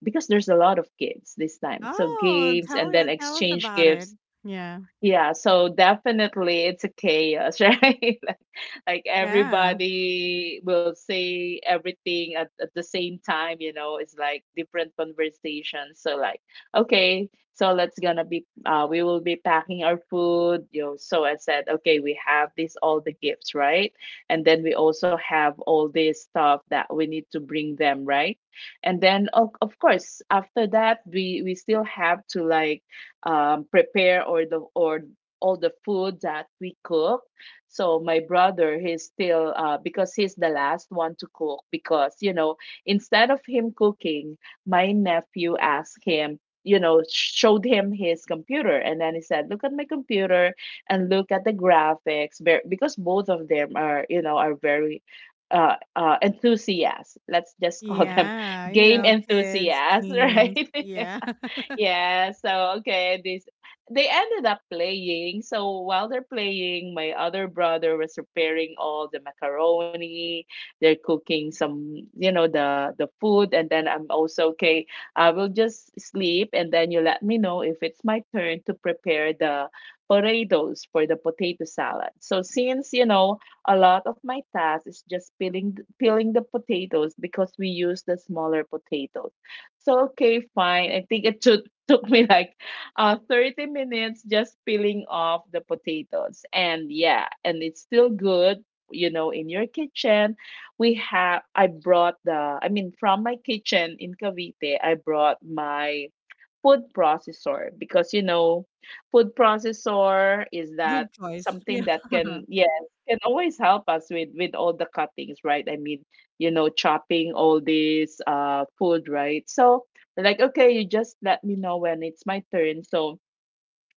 Speaker 2: because there's a lot of kids this time, so
Speaker 1: Oh,
Speaker 2: games
Speaker 1: tell
Speaker 2: and then
Speaker 1: you, tell us
Speaker 2: exchange
Speaker 1: about it.
Speaker 2: gifts.
Speaker 1: Yeah.
Speaker 2: Yeah, so definitely it's a chaos, right? Like, like
Speaker 1: Yeah.
Speaker 2: everybody will say everything at, at the same time, you know, it's like different conversations. So like, okay, so let's gonna be uh we will be packing our food, you know. So I said, okay, we have this all the gifts, right? And then we also have all this stuff that we need to bring them, right? And then of, of course, after that we we still have to like um, prepare or the or all the food that we cook. So my brother, he's still uh, because he's the last one to cook because, you know, instead of him cooking, my nephew asked him. You know, showed him his computer, and then he said, "Look at my computer and look at the graphics." Ver- Because both of them are, you know, are very uh, uh, enthusiasts. Let's just call them
Speaker 1: Yeah. You
Speaker 2: game
Speaker 1: know, kids,
Speaker 2: enthusiasts,
Speaker 1: teens.
Speaker 2: right?
Speaker 1: Yeah.
Speaker 2: Yeah, so okay, this they ended up playing. So while they're playing, my other brother was preparing all the macaroni. They're cooking some, you know, the the food, and then I'm also okay. I will just sleep, and then you let me know if it's my turn to prepare the potatoes for the potato salad. So since you know a lot of my task is just peeling peeling the potatoes because we use the smaller potatoes. So okay, fine. I think it should took me like uh, 30 minutes just peeling off the potatoes. And yeah, and it's still good, you know, in your kitchen. We have, I brought the, I mean, from my kitchen in Cavite, I brought my food processor because, you know, food processor is that
Speaker 1: Good choice.
Speaker 2: something
Speaker 1: Yeah.
Speaker 2: that can yes can always help us with with all the cuttings, right? I mean, you know, chopping all this uh food, right? So they're like, okay, you just let me know when it's my turn. So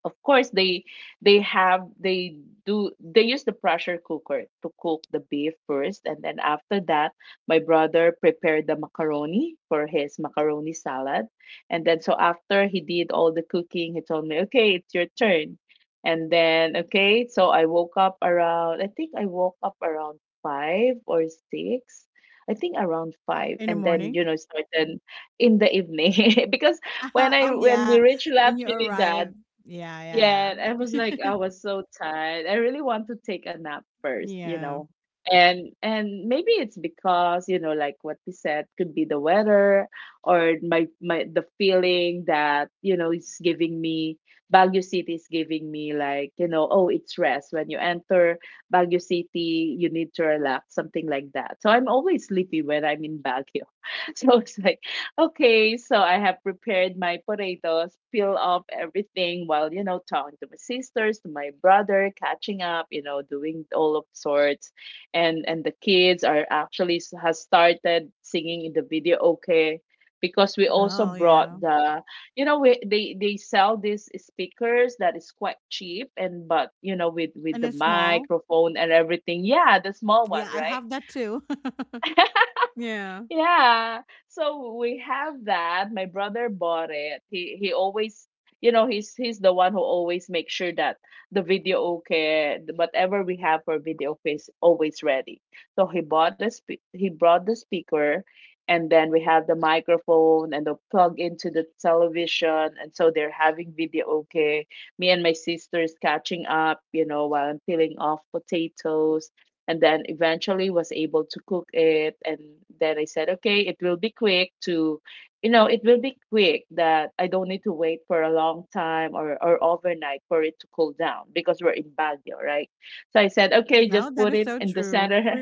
Speaker 2: of course they they have they do they use the pressure cooker to cook the beef first, and then after that my brother prepared the macaroni for his macaroni salad. And then so after he did all the cooking, he told me, okay, it's your turn. And then okay, so i woke up around I think I woke up around five or six, I think around five.
Speaker 1: In the
Speaker 2: And then,
Speaker 1: morning.
Speaker 2: you know, started in the evening because when I
Speaker 1: Oh
Speaker 2: when we
Speaker 1: yeah.
Speaker 2: reached La
Speaker 1: When you arrive.
Speaker 2: Trinidad,
Speaker 1: Yeah, yeah,
Speaker 2: yeah, I was like,
Speaker 1: yeah.
Speaker 2: I was so tired. I really want to take a nap first, you
Speaker 1: Yeah.
Speaker 2: know. And and maybe it's because, you know, like what we said, could be the weather or my my the feeling that, you know, it's giving me Baguio City is giving me like, you know, oh, it's rest. When you enter Baguio City, you need to relax, something like that. So I'm always sleepy when I'm in Baguio. So it's like, okay, so I have prepared my potatoes, peel off everything while, you know, talking to my sisters, to my brother, catching up, you know, doing all of sorts. And and the kids are actually s- has started singing in the video okay, because we also
Speaker 1: Oh
Speaker 2: brought
Speaker 1: yeah.
Speaker 2: the, you know, we, they they sell these speakers that is quite cheap and but you know with with
Speaker 1: And
Speaker 2: the
Speaker 1: it's small.
Speaker 2: microphone and everything, yeah, the small one,
Speaker 1: Yeah, I
Speaker 2: right?
Speaker 1: have that too. Yeah.
Speaker 2: Yeah. So we have that. My brother bought it. He he always, you know, he's he's the one who always makes sure that the video okay, the- whatever we have for video okay is always ready. So he bought a spe he brought the speaker, and then we have the microphone and the plug into the television, and so they're having video okay. Me and my sisters catching up, you know, while I'm peeling off potatoes, and then eventually was able to cook it. And then I said, okay, it will be quick to you know, it will be quick that I don't need to wait for a long time, or, or overnight, for it to cool down because we're in Baguio, right? So I said, okay, just
Speaker 1: No, that
Speaker 2: put
Speaker 1: is
Speaker 2: it
Speaker 1: so
Speaker 2: in the
Speaker 1: true.
Speaker 2: center.
Speaker 1: Free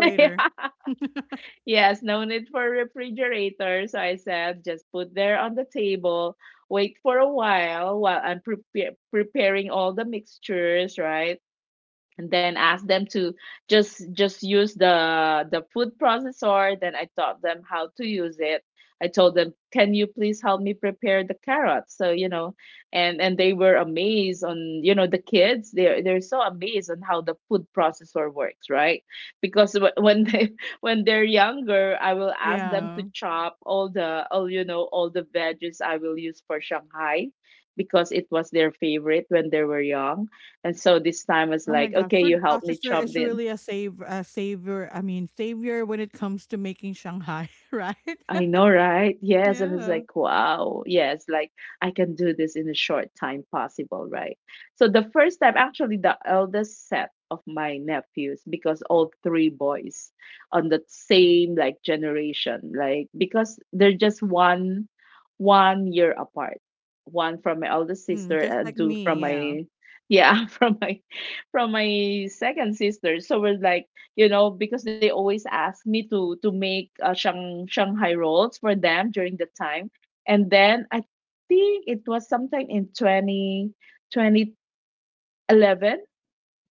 Speaker 2: Yes, no need for refrigerator. So I said, just put there on the table, wait for a while while I'm prepare preparing all the mixtures, right? And then asked them to just just use the the food processor. Then I taught them how to use it. I told them, can you please help me prepare the carrots? So you know, and and they were amazed on, you know, the kids, they're they're so amazed on how the food processor works, right? Because wh- when they when they're younger, I will ask them to
Speaker 1: Yeah.
Speaker 2: chop all the all you know, all the veggies I will use for Shanghai, because it was their favorite when they were young. And so this time was
Speaker 1: Oh my
Speaker 2: like,
Speaker 1: god,
Speaker 2: okay,
Speaker 1: food
Speaker 2: you helped me
Speaker 1: processor
Speaker 2: chop
Speaker 1: is
Speaker 2: in.
Speaker 1: really a save a savior. I mean, savior when it comes to making Shanghai, right?
Speaker 2: I know, right? Yes. And it's
Speaker 1: Yeah.
Speaker 2: like, wow, yes, like I can do this in a short time possible, right? So the first time, actually, the eldest set of my nephews, because all three boys on the same like generation, like because they're just one one year apart. One from my eldest
Speaker 1: Mm,
Speaker 2: sister
Speaker 1: just like
Speaker 2: and two from
Speaker 1: me, yeah.
Speaker 2: my yeah, from my from my second sister. So we're like, you know, because they always ask me to to make uh, Shang, Shanghai rolls for them during the time. And then I think it was sometime in twenty twenty eleven.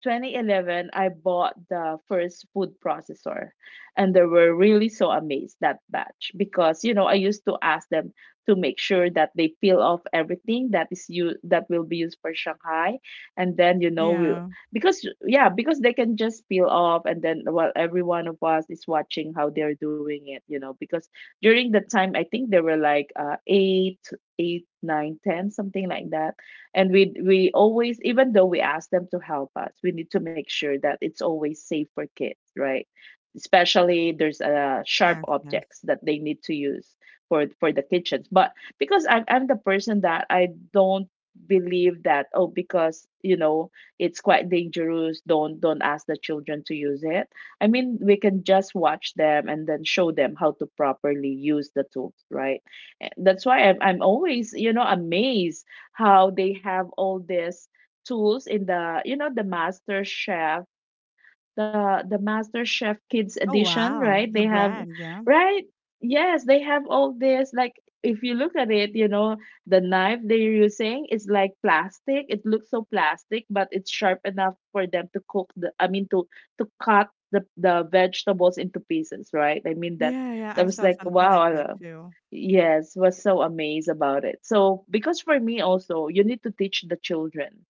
Speaker 2: twenty eleven, I bought the first food processor, and they were really so amazed that batch, because you know, I used to ask them to make sure that they peel off everything that is you that will be used for Shanghai. And then, you know, we,
Speaker 1: Yeah.
Speaker 2: because yeah, because they can just peel off, and then well, every one of us is watching how they're doing it, you know, because during the time I think there were like uh eight eight nine, ten, something like that. And we we always, even though we ask them to help us, we need to make sure that it's always safe for kids, right? Especially there's uh, sharp
Speaker 1: Yes, yes.
Speaker 2: objects that they need to use for for the kitchens. But because I'm, I'm the person that I don't believe that, oh, because you know, it's quite dangerous, don't don't ask the children to use it. I mean, we can just watch them and then show them how to properly use the tools, right? And that's why i'm, I'm always, you know, amazed how they have all these tools in the, you know, the master chef, the the Master Chef Kids
Speaker 1: Oh
Speaker 2: edition,
Speaker 1: wow,
Speaker 2: right? They
Speaker 1: the
Speaker 2: have,
Speaker 1: brand, yeah.
Speaker 2: right? Yes, they have all this like, if you look at it, you know, the knife they're using is like plastic. It looks so plastic, but it's sharp enough for them to cook the I mean, to to cut the the vegetables into pieces, right? I mean, that
Speaker 1: Yeah, yeah,
Speaker 2: that
Speaker 1: I
Speaker 2: was
Speaker 1: saw
Speaker 2: like
Speaker 1: something like
Speaker 2: wow.
Speaker 1: that
Speaker 2: uh,
Speaker 1: too.
Speaker 2: Yes, was so amazed about it. So because for me also, you need to teach the children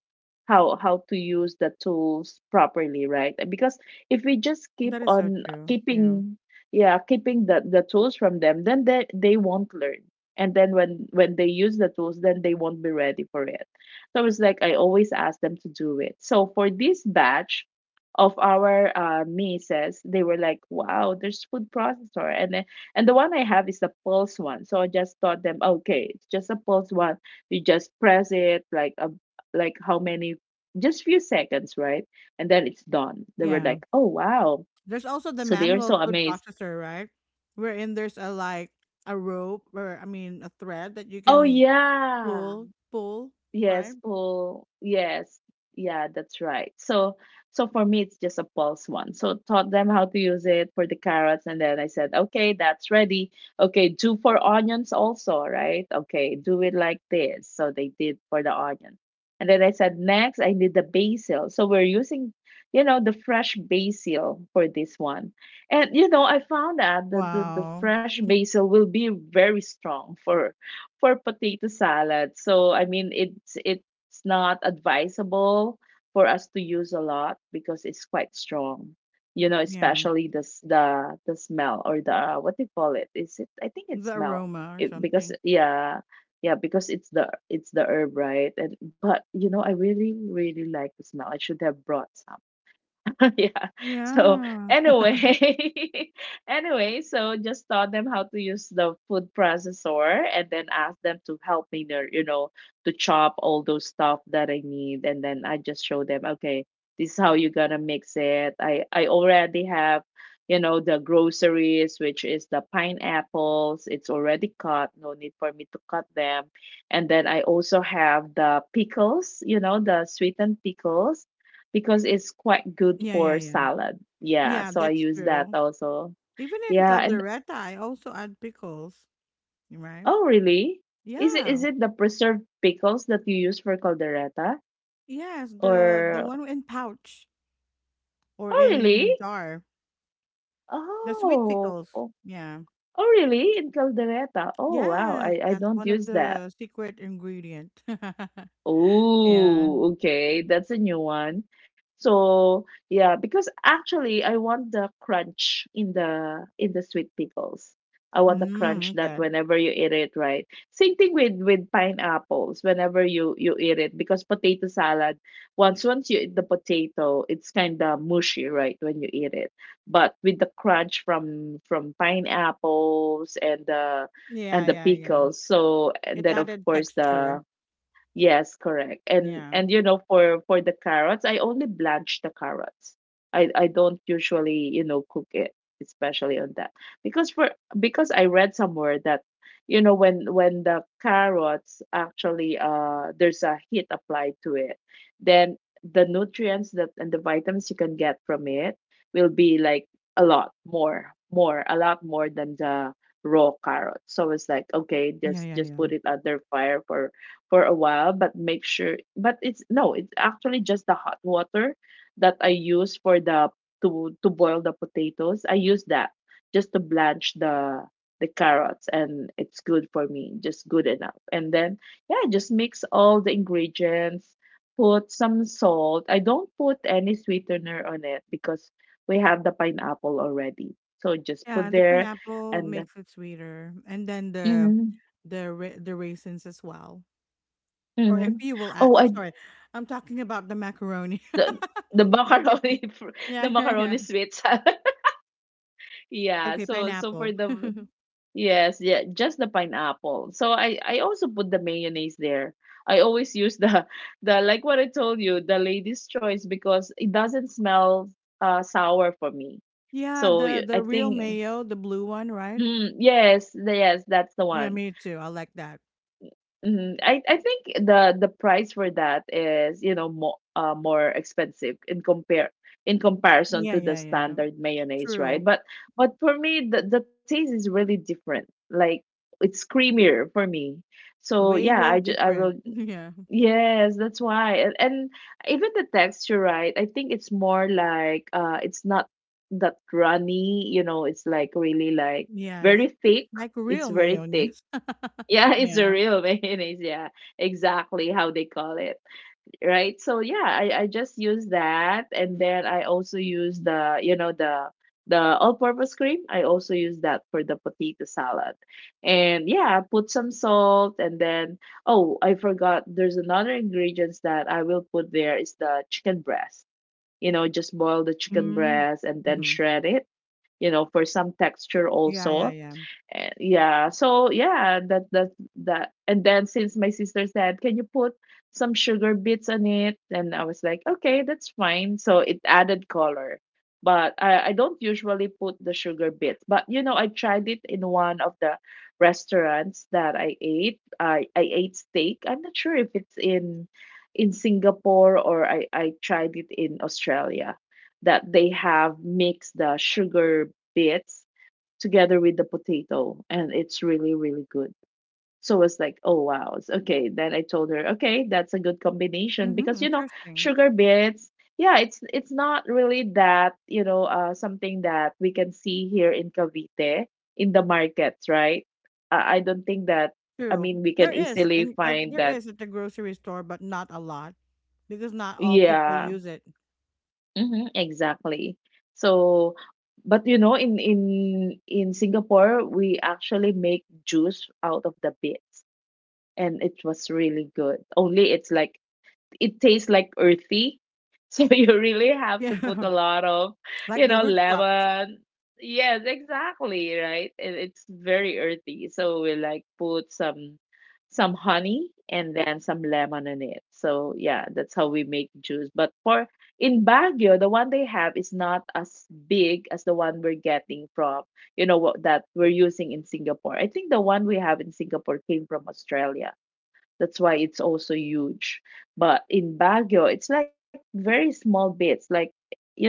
Speaker 2: how how to use the tools properly, right? Because if we just keep
Speaker 1: That is so
Speaker 2: on
Speaker 1: true. Yeah.
Speaker 2: keeping yeah keeping the the tools from them, then they they won't learn. And then when when they use the tools, then they won't be ready for it. So it's like, I always ask them to do it. So for this batch of our uh, nieces, they were like, wow, there's food processor. And then, and the one I have is the pulse one. So I just taught them, okay, it's just a pulse one. You just press it like a like how many, just few seconds, right? And then it's done. They were
Speaker 1: Yeah.
Speaker 2: like, "Oh wow!"
Speaker 1: There's also the
Speaker 2: So they are
Speaker 1: manual
Speaker 2: so
Speaker 1: food
Speaker 2: amazed.
Speaker 1: processor, right? Wherein there's a like a rope, or I mean a thread that you
Speaker 2: Oh
Speaker 1: can
Speaker 2: yeah,
Speaker 1: pull, pull,
Speaker 2: yes,
Speaker 1: right?
Speaker 2: pull. Yes. Yeah, that's right. So so for me it's just a pulse one. So taught them how to use it for the carrots, and then I said, "Okay, that's ready. Okay, do for onions also, right? Okay, do it like this." So they did for the onion. And then I said, "Next, I need the basil." So we're using, you know, the fresh basil for this one. And you know, I found out that the, the
Speaker 1: Wow.
Speaker 2: fresh
Speaker 1: Mhm.
Speaker 2: basil will be very strong for for potato salad. So I mean, it's it's not advisable for us to use a lot because it's quite strong. You know,
Speaker 1: Yeah,
Speaker 2: especially the s- the the smell, or the, what do you call it? Is it, I think it's
Speaker 1: the
Speaker 2: smell.
Speaker 1: aroma or
Speaker 2: It, because
Speaker 1: something.
Speaker 2: yeah, yeah, because it's the it's the herb, right? And but you know, I really really like the smell. I should have brought some. Yeah. So
Speaker 1: Yeah.
Speaker 2: anyway, anyway, so just taught them how to use the food processor, and then asked them to help me there, you know, to chop all those stuff that I need. And then I just show them, okay, this is how you're gonna mix it. I I already have, you know, the groceries, which is the pineapples. It's already cut. No need for me to cut them. And then I also have the pickles, you know, the sweetened pickles, because it's quite good
Speaker 1: Yeah, yeah,
Speaker 2: for
Speaker 1: yeah.
Speaker 2: salad. Yeah,
Speaker 1: Yeah,
Speaker 2: so I
Speaker 1: that's
Speaker 2: use that
Speaker 1: true.
Speaker 2: also.
Speaker 1: Even in
Speaker 2: Yeah, and
Speaker 1: caldereta, I also add pickles, right?
Speaker 2: oh really? Is it
Speaker 1: Yeah.
Speaker 2: is it the preserved pickles that you use for caldereta?
Speaker 1: Yes, the the
Speaker 2: Or
Speaker 1: one in pouch or
Speaker 2: oh really?
Speaker 1: in jar, the sweet
Speaker 2: Oh,
Speaker 1: pickles.
Speaker 2: oh,
Speaker 1: Yeah.
Speaker 2: oh really? In caldereta? Oh wow,
Speaker 1: Yes,
Speaker 2: I I
Speaker 1: that's
Speaker 2: don't
Speaker 1: one of
Speaker 2: use that.
Speaker 1: the secret ingredient. Yeah.
Speaker 2: Oh, okay. That's a new one. So yeah, because actually I want the crunch in the in the sweet pickles. I want the crunch
Speaker 1: Mm,
Speaker 2: that
Speaker 1: okay.
Speaker 2: whenever you eat it, right? Same thing with with pineapples. Whenever you you eat it, because potato salad, once once you eat the potato, it's kind of mushy, right? When you eat it, but with the crunch from from pineapples and the and
Speaker 1: Yeah,
Speaker 2: the
Speaker 1: yeah, yeah.
Speaker 2: pickles. So and
Speaker 1: It
Speaker 2: then of
Speaker 1: added
Speaker 2: course the
Speaker 1: texture.
Speaker 2: yes, correct. And
Speaker 1: Yeah.
Speaker 2: and you know, for for the carrots, I only blanch the carrots. I I don't usually, you know, cook it, especially on that. Because for because I read somewhere that, you know, when when the carrots actually uh there's a heat applied to it, then the nutrients that and the vitamins you can get from it will be like a lot more, more, a lot more than the raw carrot. So it's like, okay,
Speaker 1: Yeah,
Speaker 2: just
Speaker 1: yeah,
Speaker 2: just
Speaker 1: yeah.
Speaker 2: put it under fire for for a while, but make sure. But it's no, it's actually just the hot water that I use for the to to boil the potatoes. I use that just to blanch the the carrots, and it's good for me, just good enough. And then yeah, just mix all the ingredients. Put some salt. I don't put any sweetener on it because we have the pineapple already. So just
Speaker 1: Yeah,
Speaker 2: put
Speaker 1: the
Speaker 2: there,
Speaker 1: pineapple
Speaker 2: and then.
Speaker 1: makes it sweeter, and then the,
Speaker 2: Mm-hmm,
Speaker 1: the ra- the raisins as well. Or if
Speaker 2: mm-hmm.
Speaker 1: you will add,
Speaker 2: Oh,
Speaker 1: oh,
Speaker 2: I
Speaker 1: sorry, I'm talking about the macaroni.
Speaker 2: the the
Speaker 1: Okay.
Speaker 2: macaroni fr- the
Speaker 1: Yeah, yeah, yeah.
Speaker 2: macaroni sweets yeah,
Speaker 1: Okay,
Speaker 2: so so for
Speaker 1: pineapple.
Speaker 2: the yes, yeah, just the pineapple. So i i also put the mayonnaise there. I always use the the, like what I told you, the Lady's Choice, because it doesn't smell uh sour for me.
Speaker 1: Yeah,
Speaker 2: So
Speaker 1: the
Speaker 2: y- I
Speaker 1: the real
Speaker 2: think,
Speaker 1: mayo, the blue one, right?
Speaker 2: mm, yes, the- yes, that's the
Speaker 1: Yeah,
Speaker 2: one.
Speaker 1: me too. I like that.
Speaker 2: Mhm. I I think the the price for that is, you know, more uh, more expensive in compare in comparison
Speaker 1: Yeah,
Speaker 2: to the
Speaker 1: yeah, yeah.
Speaker 2: standard mayonnaise, right?
Speaker 1: True.
Speaker 2: But but for me, the the taste is really different. Like it's creamier for me. So
Speaker 1: Way,
Speaker 2: yeah, I
Speaker 1: way
Speaker 2: ju- I will.
Speaker 1: different. Yeah.
Speaker 2: Yes, that's why. And, and even the texture, right? I think it's more like, uh, it's not that runny. You know, it's like really like
Speaker 1: Yes.
Speaker 2: very thick.
Speaker 1: Like
Speaker 2: It's
Speaker 1: real
Speaker 2: very thick,
Speaker 1: mayonnaise.
Speaker 2: yeah, it's a
Speaker 1: Yeah.
Speaker 2: real mayonnaise. Yeah, exactly how they call it. Right. So yeah, I, I just use that, and then I also use the you know the the all-purpose cream. I also use that for the potato salad, and yeah, put some salt, and then oh, I forgot. There's another ingredients that I will put there is the chicken breast. You know, just boil the chicken
Speaker 1: Mm,
Speaker 2: breast and then
Speaker 1: hmm.
Speaker 2: shred it. You know, for some texture
Speaker 1: Yeah, yeah,
Speaker 2: also.
Speaker 1: yeah.
Speaker 2: And yeah, so yeah, that that that and then since my sister said, "Can you put some sugar bits on it?" and I was like, "Okay, that's fine." So it added color. But I I don't usually put the sugar bits. But you know, I tried it in one of the restaurants that I ate. I I ate steak. I'm not sure if it's in in Singapore or I I tried it in Australia, that they have mixed the sugar bits together with the potato, and it's really really good. So it's like, oh wow, it's okay. Then I told her, okay, that's a good combination,
Speaker 1: Mm-hmm.
Speaker 2: because, you know,
Speaker 1: Interesting.
Speaker 2: sugar bits. Yeah, it's it's not really that, you know, uh, something that we can see here in Cavite in the markets, right? uh, I don't think that, I
Speaker 1: True.
Speaker 2: mean, we can
Speaker 1: There is,
Speaker 2: easily
Speaker 1: and uh,
Speaker 2: find
Speaker 1: there
Speaker 2: that.
Speaker 1: is at the grocery store, but not a lot because not all people
Speaker 2: Yeah,
Speaker 1: use it.
Speaker 2: hmm, exactly. So but you know, in in in Singapore we actually make juice out of the bits, and it was really good. Only it's like it tastes like earthy. So you really have to put
Speaker 1: Yeah,
Speaker 2: a lot of,
Speaker 1: like
Speaker 2: you
Speaker 1: the
Speaker 2: know,
Speaker 1: root crop.
Speaker 2: lemon. Yes, exactly, right? And it's very earthy. So we like put some some honey and then some lemon in it. So yeah, that's how we make juice. But for in Baguio, the one they have is not as big as the one we're getting from, you know, what that we're using in Singapore. I think the one we have in Singapore came from Australia. That's why it's also huge. But in Baguio, it's like very small bits, like, you know,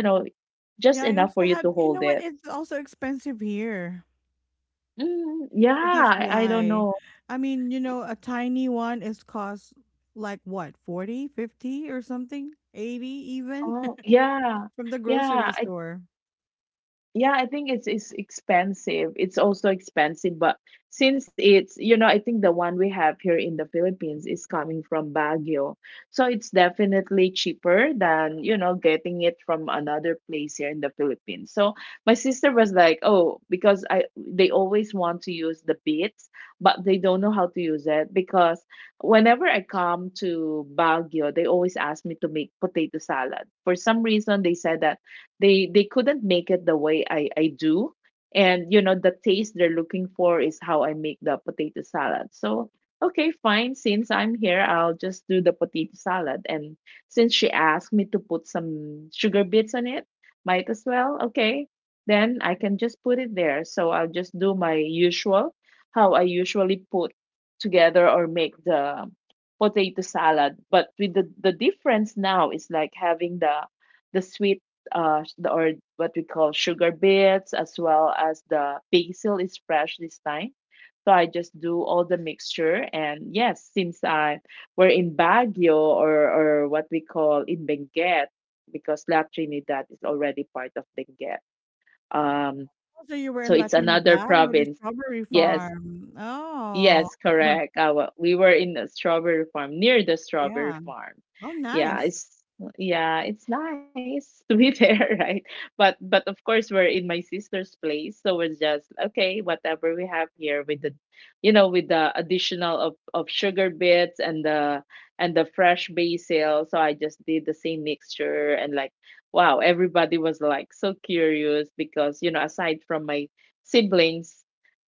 Speaker 2: just
Speaker 1: Yeah,
Speaker 2: enough
Speaker 1: I
Speaker 2: for you
Speaker 1: also
Speaker 2: to
Speaker 1: had.
Speaker 2: hold
Speaker 1: You know
Speaker 2: it.
Speaker 1: what? It's also expensive here,
Speaker 2: Mm, yeah,
Speaker 1: so that's
Speaker 2: I, I don't
Speaker 1: why.
Speaker 2: know.
Speaker 1: I mean, you know, a tiny one is cost like what, forty, fifty, or something, eighty even.
Speaker 2: Oh, yeah.
Speaker 1: From the
Speaker 2: Yeah,
Speaker 1: grocery
Speaker 2: I
Speaker 1: store.
Speaker 2: yeah, I think it's it's expensive. It's also expensive, but since it's, you know, I think the one we have here in the Philippines is coming from Baguio. So it's definitely cheaper than, you know, getting it from another place here in the Philippines. So my sister was like, "Oh, because I they always want to use the beets, but they don't know how to use it, because whenever I come to Baguio, they always ask me to make potato salad. For some reason, they said that they they couldn't make it the way I I do, and you know, the taste they're looking for is how I make the potato salad. So okay, fine, since I'm here, I'll just do the potato salad, and since she asked me to put some sugar bits on it, might as well, okay, then I can just put it there. So I'll just do my usual, how I usually put together or make the potato salad, but with the the difference now is like having the the sweet, uh, the, or what we call sugar bits, as well as the basil is fresh this time. So I just do all the mixture. And yes, since I we're in Baguio, or, or what we call in Benguet, because La Trinidad is already part of Benguet. Um,
Speaker 1: Oh, so you were
Speaker 2: so
Speaker 1: in La
Speaker 2: it's another
Speaker 1: Trinidad where the
Speaker 2: province.
Speaker 1: strawberry
Speaker 2: Yes,
Speaker 1: farm. Oh,
Speaker 2: Yes, correct. I wa- we were in the strawberry farm, near the strawberry
Speaker 1: yeah.
Speaker 2: farm.
Speaker 1: Oh,
Speaker 2: Yeah,
Speaker 1: nice.
Speaker 2: it's yeah, it's nice to be there, right? But but of course we're in my sister's place, so it's just okay, whatever we have here with the, you know, with the additional of, of sugar bits and the and the fresh basil. So I just did the same mixture, and like wow, everybody was like so curious because, you know, aside from my siblings,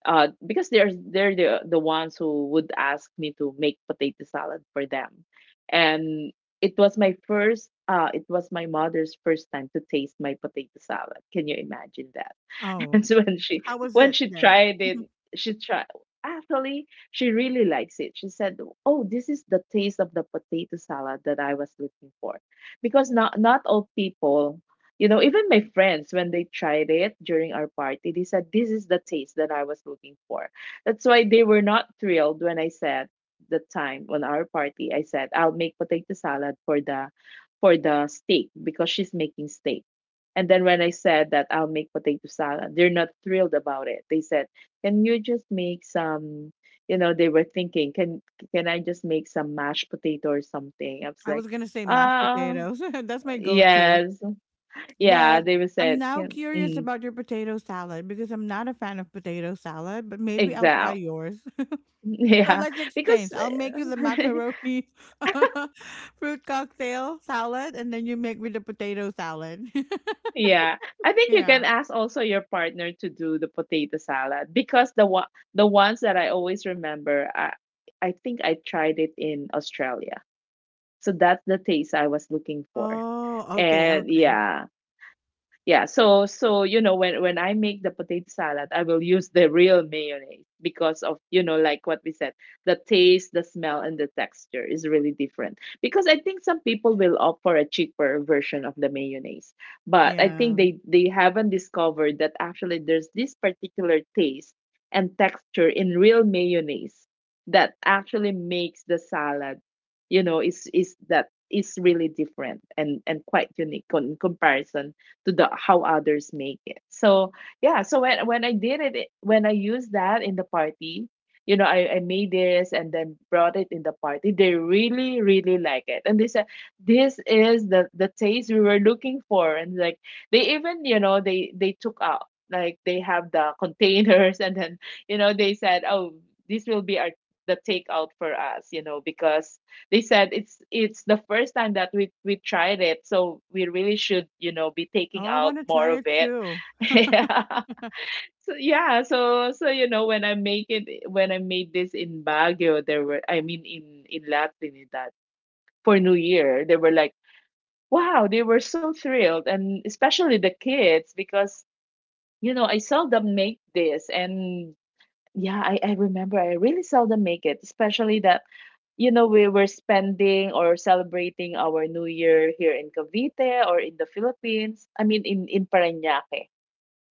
Speaker 2: uh, because they're they're the the ones who would ask me to make potato salad for them, and it was my first. Uh, it was my mother's first time to taste my potato salad. Can you imagine that?
Speaker 1: Oh,
Speaker 2: And so when she
Speaker 1: how was
Speaker 2: when
Speaker 1: it
Speaker 2: she
Speaker 1: then?
Speaker 2: tried it. She tried Actually, she really likes it. She said, "Oh, this is the taste of the potato salad that I was looking for." Because not not all people, you know, even my friends when they tried it during our party, they said, "This is the taste that I was looking for." That's why they were not thrilled when I said, the time on our party, I said I'll make potato salad for the for the steak, because she's making steak. And then when I said that I'll make potato salad, they're not thrilled about it. They said, "Can you just make some?" You know, they were thinking, "Can can I just make some mashed potato or something?" I was
Speaker 1: I
Speaker 2: like,
Speaker 1: was gonna say mashed
Speaker 2: "Ah,
Speaker 1: potatoes. That's my go-to.
Speaker 2: yes, yeah."
Speaker 1: But
Speaker 2: They were
Speaker 1: I'm
Speaker 2: said,
Speaker 1: now
Speaker 2: "Can
Speaker 1: curious
Speaker 2: mm,
Speaker 1: about your potato salad because I'm not a fan of potato salad, but maybe I'll try
Speaker 2: exact,
Speaker 1: yours. So
Speaker 2: yeah,"
Speaker 1: let's
Speaker 2: because
Speaker 1: exchange. I'll make you the macaroni fruit cocktail salad, and then you make me the potato salad.
Speaker 2: yeah, I think you can
Speaker 1: Yeah.
Speaker 2: ask also your partner to do the potato salad, because the one the ones that I always remember, I I think I tried it in Australia. So that's the taste I was looking for.
Speaker 1: Oh, okay,
Speaker 2: And
Speaker 1: okay.
Speaker 2: yeah, yeah, so so you know, when when I make the potato salad, I will use the real mayonnaise because of, you know, like what we said, the taste, the smell and the texture is really different, because I think some people will opt for a cheaper version of the mayonnaise, but I
Speaker 1: Yeah.
Speaker 2: think they they haven't discovered that actually there's this particular taste and texture in real mayonnaise that actually makes the salad, you know, is is that is really different, and and quite unique, con- in comparison to the how others make it. So yeah, so when when I did it, it- when I used that in the party, you know, I, I made this and then brought it in the party. They really, really like it. And they said, "This is the the taste we were looking for." And like they even, you know, they they took out, like they have the containers, and then you know, they said, "Oh, this will be our the takeout for us," you know, because they said it's it's the first time that we we tried it, so we really should, you know, be
Speaker 1: Oh,
Speaker 2: taking
Speaker 1: I
Speaker 2: out
Speaker 1: wanna
Speaker 2: more
Speaker 1: try
Speaker 2: of
Speaker 1: it
Speaker 2: it.
Speaker 1: too.
Speaker 2: Yeah, so yeah, so so you know, when i make it when I made this in Baguio, there were, I mean, in in La Trinidad for New Year, they were like wow, they were so thrilled, and especially the kids, because you know, I seldom make this. And yeah, I, I remember I really seldom make it, especially that, you know, we were spending or celebrating our New Year here in Cavite or in the Philippines. I mean, in, in Parañaque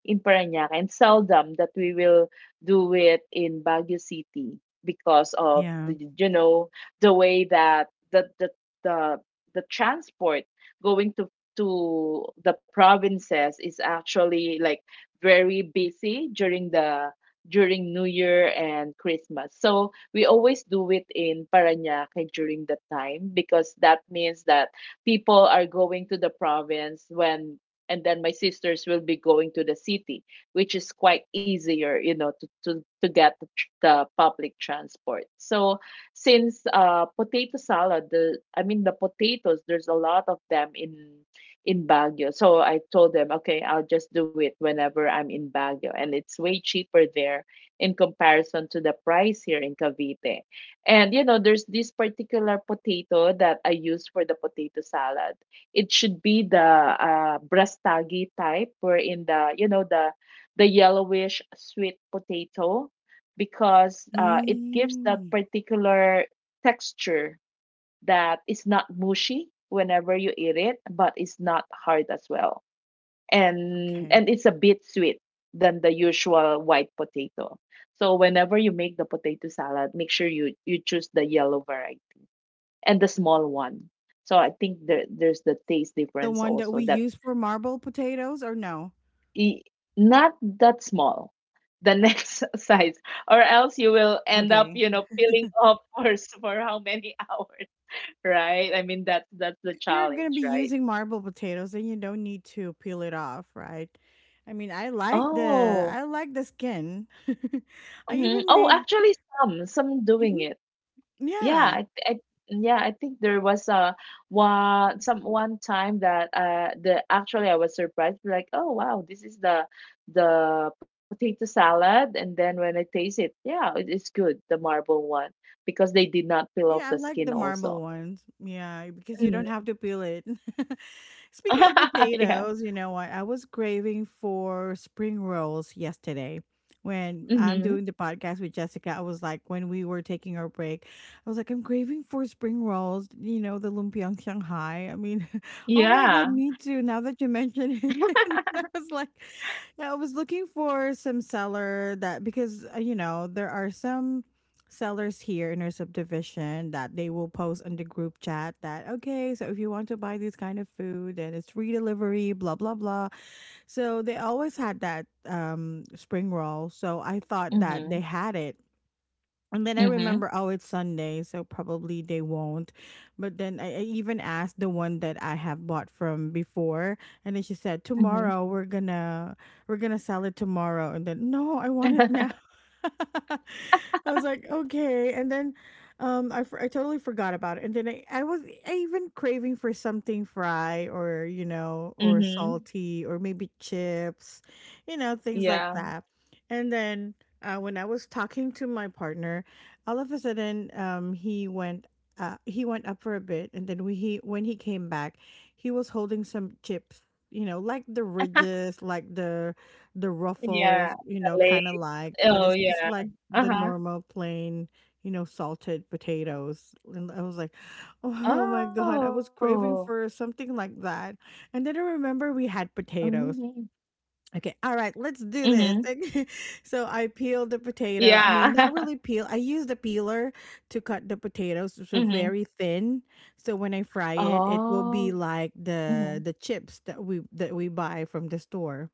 Speaker 2: in Parañaque, and seldom that we will do it in Baguio City because of
Speaker 1: Yeah.
Speaker 2: the you know the way that the the the, the transport going to to the provinces is actually like very busy during the during New Year and Christmas. So we always do it in Parañaque during that time because that means that people are going to the province when and then my sisters will be going to the city, which is quite easier, you know, to to, to get the, tr- the public transport. So since uh potato salad, the I mean the potatoes, there's a lot of them in in Baguio, so I told them, okay, I'll just do it whenever I'm in Baguio and it's way cheaper there in comparison to the price here in Cavite. And you know there's this particular potato that I use for the potato salad. It should be the uh, brastagi type, wherein the, you know, the the yellowish sweet potato, because uh, it gives that
Speaker 1: Mm,
Speaker 2: particular texture that is not mushy whenever you eat it, but it's not hard as well, and
Speaker 1: okay.
Speaker 2: and it's a bit sweet than the usual white potato. So whenever you make the potato salad, make sure you you choose the yellow variety and the small one. So I think there there's the taste
Speaker 1: The
Speaker 2: difference
Speaker 1: one that
Speaker 2: also
Speaker 1: we
Speaker 2: that
Speaker 1: use for marble potatoes, or no?
Speaker 2: i- not that small, the next size, or else you will end up,
Speaker 1: Okay.
Speaker 2: you know, peeling off for s- for how many hours, right? I mean that's that's the
Speaker 1: If you're gonna
Speaker 2: challenge,
Speaker 1: be
Speaker 2: right?
Speaker 1: using marble potatoes, then you don't need to peel it off, right? I mean, I like the,
Speaker 2: Oh,
Speaker 1: I like the skin. I
Speaker 2: mhm.
Speaker 1: even
Speaker 2: Oh,
Speaker 1: made,
Speaker 2: actually some some doing
Speaker 1: mhm.
Speaker 2: it. yeah
Speaker 1: Yeah.
Speaker 2: I, I yeah, I think there was a one some one time that uh the, actually I was surprised like, oh wow, this is the the potato salad, and then when I taste it, yeah, it is good, the marble one, because they did not peel off
Speaker 1: Yeah, I
Speaker 2: the
Speaker 1: like the
Speaker 2: skin
Speaker 1: marble
Speaker 2: also.
Speaker 1: ones. Yeah, because you don't
Speaker 2: Mm.
Speaker 1: have to peel it. Speaking of
Speaker 2: Yeah.
Speaker 1: potatoes, you know what? I was craving for spring rolls yesterday. When I'm
Speaker 2: Mm-hmm.
Speaker 1: doing the podcast with Jessica, I was like, when we were taking our break, I was like, I'm craving for spring rolls, you know, the lumpiang Shanghai. I mean, oh my God,
Speaker 2: Yeah.
Speaker 1: me too. Now that you mention it, and I was like, yeah, I was looking for some seller that, because, uh, you know, there are some sellers here in our subdivision that they will post on the group chat that okay, so if you want to buy this kind of food, then it's free delivery, blah blah blah. So they always had that um spring roll, so I thought that
Speaker 2: Mm-hmm.
Speaker 1: they had it, and then I
Speaker 2: Mm-hmm.
Speaker 1: remember, oh, it's Sunday, so probably they won't. But then I, I even asked the one that I have bought from before, and then she said,
Speaker 2: Mm-hmm.
Speaker 1: "Tomorrow we're gonna we're gonna sell it tomorrow." And then, no, I want it now. I was like, okay. And then um, I, for- I totally forgot about it. And then I, I was, I even craving for something fry, or, you know, or
Speaker 2: Mm-hmm.
Speaker 1: salty, or maybe chips, you know, things like
Speaker 2: Yeah,
Speaker 1: that. And then uh, when I was talking to my partner, all of a sudden um he went, uh he went up for a bit, and then we, he, when he came back, he was holding some chips, you know, like the ridges, like the the
Speaker 2: yeah,
Speaker 1: ruffles, you
Speaker 2: the
Speaker 1: know, kind of
Speaker 2: lace.
Speaker 1: like, but
Speaker 2: Oh
Speaker 1: it's just
Speaker 2: yeah.
Speaker 1: like the
Speaker 2: Uh-huh.
Speaker 1: normal plain, you know, salted potatoes, and I was like, oh my god, I was
Speaker 2: Oh.
Speaker 1: craving for something like that. And then I remember we had potatoes.
Speaker 2: Mhm.
Speaker 1: Okay, all right, let's do this.
Speaker 2: Mhm.
Speaker 1: So I peeled the potato. I mean,
Speaker 2: Yeah.
Speaker 1: not really peel. I used a peeler to cut the potatoes so
Speaker 2: Mhm.
Speaker 1: very thin. So when I fry it, it will be
Speaker 2: Oh.
Speaker 1: like the
Speaker 2: Mhm.
Speaker 1: the chips that we that we buy from the store.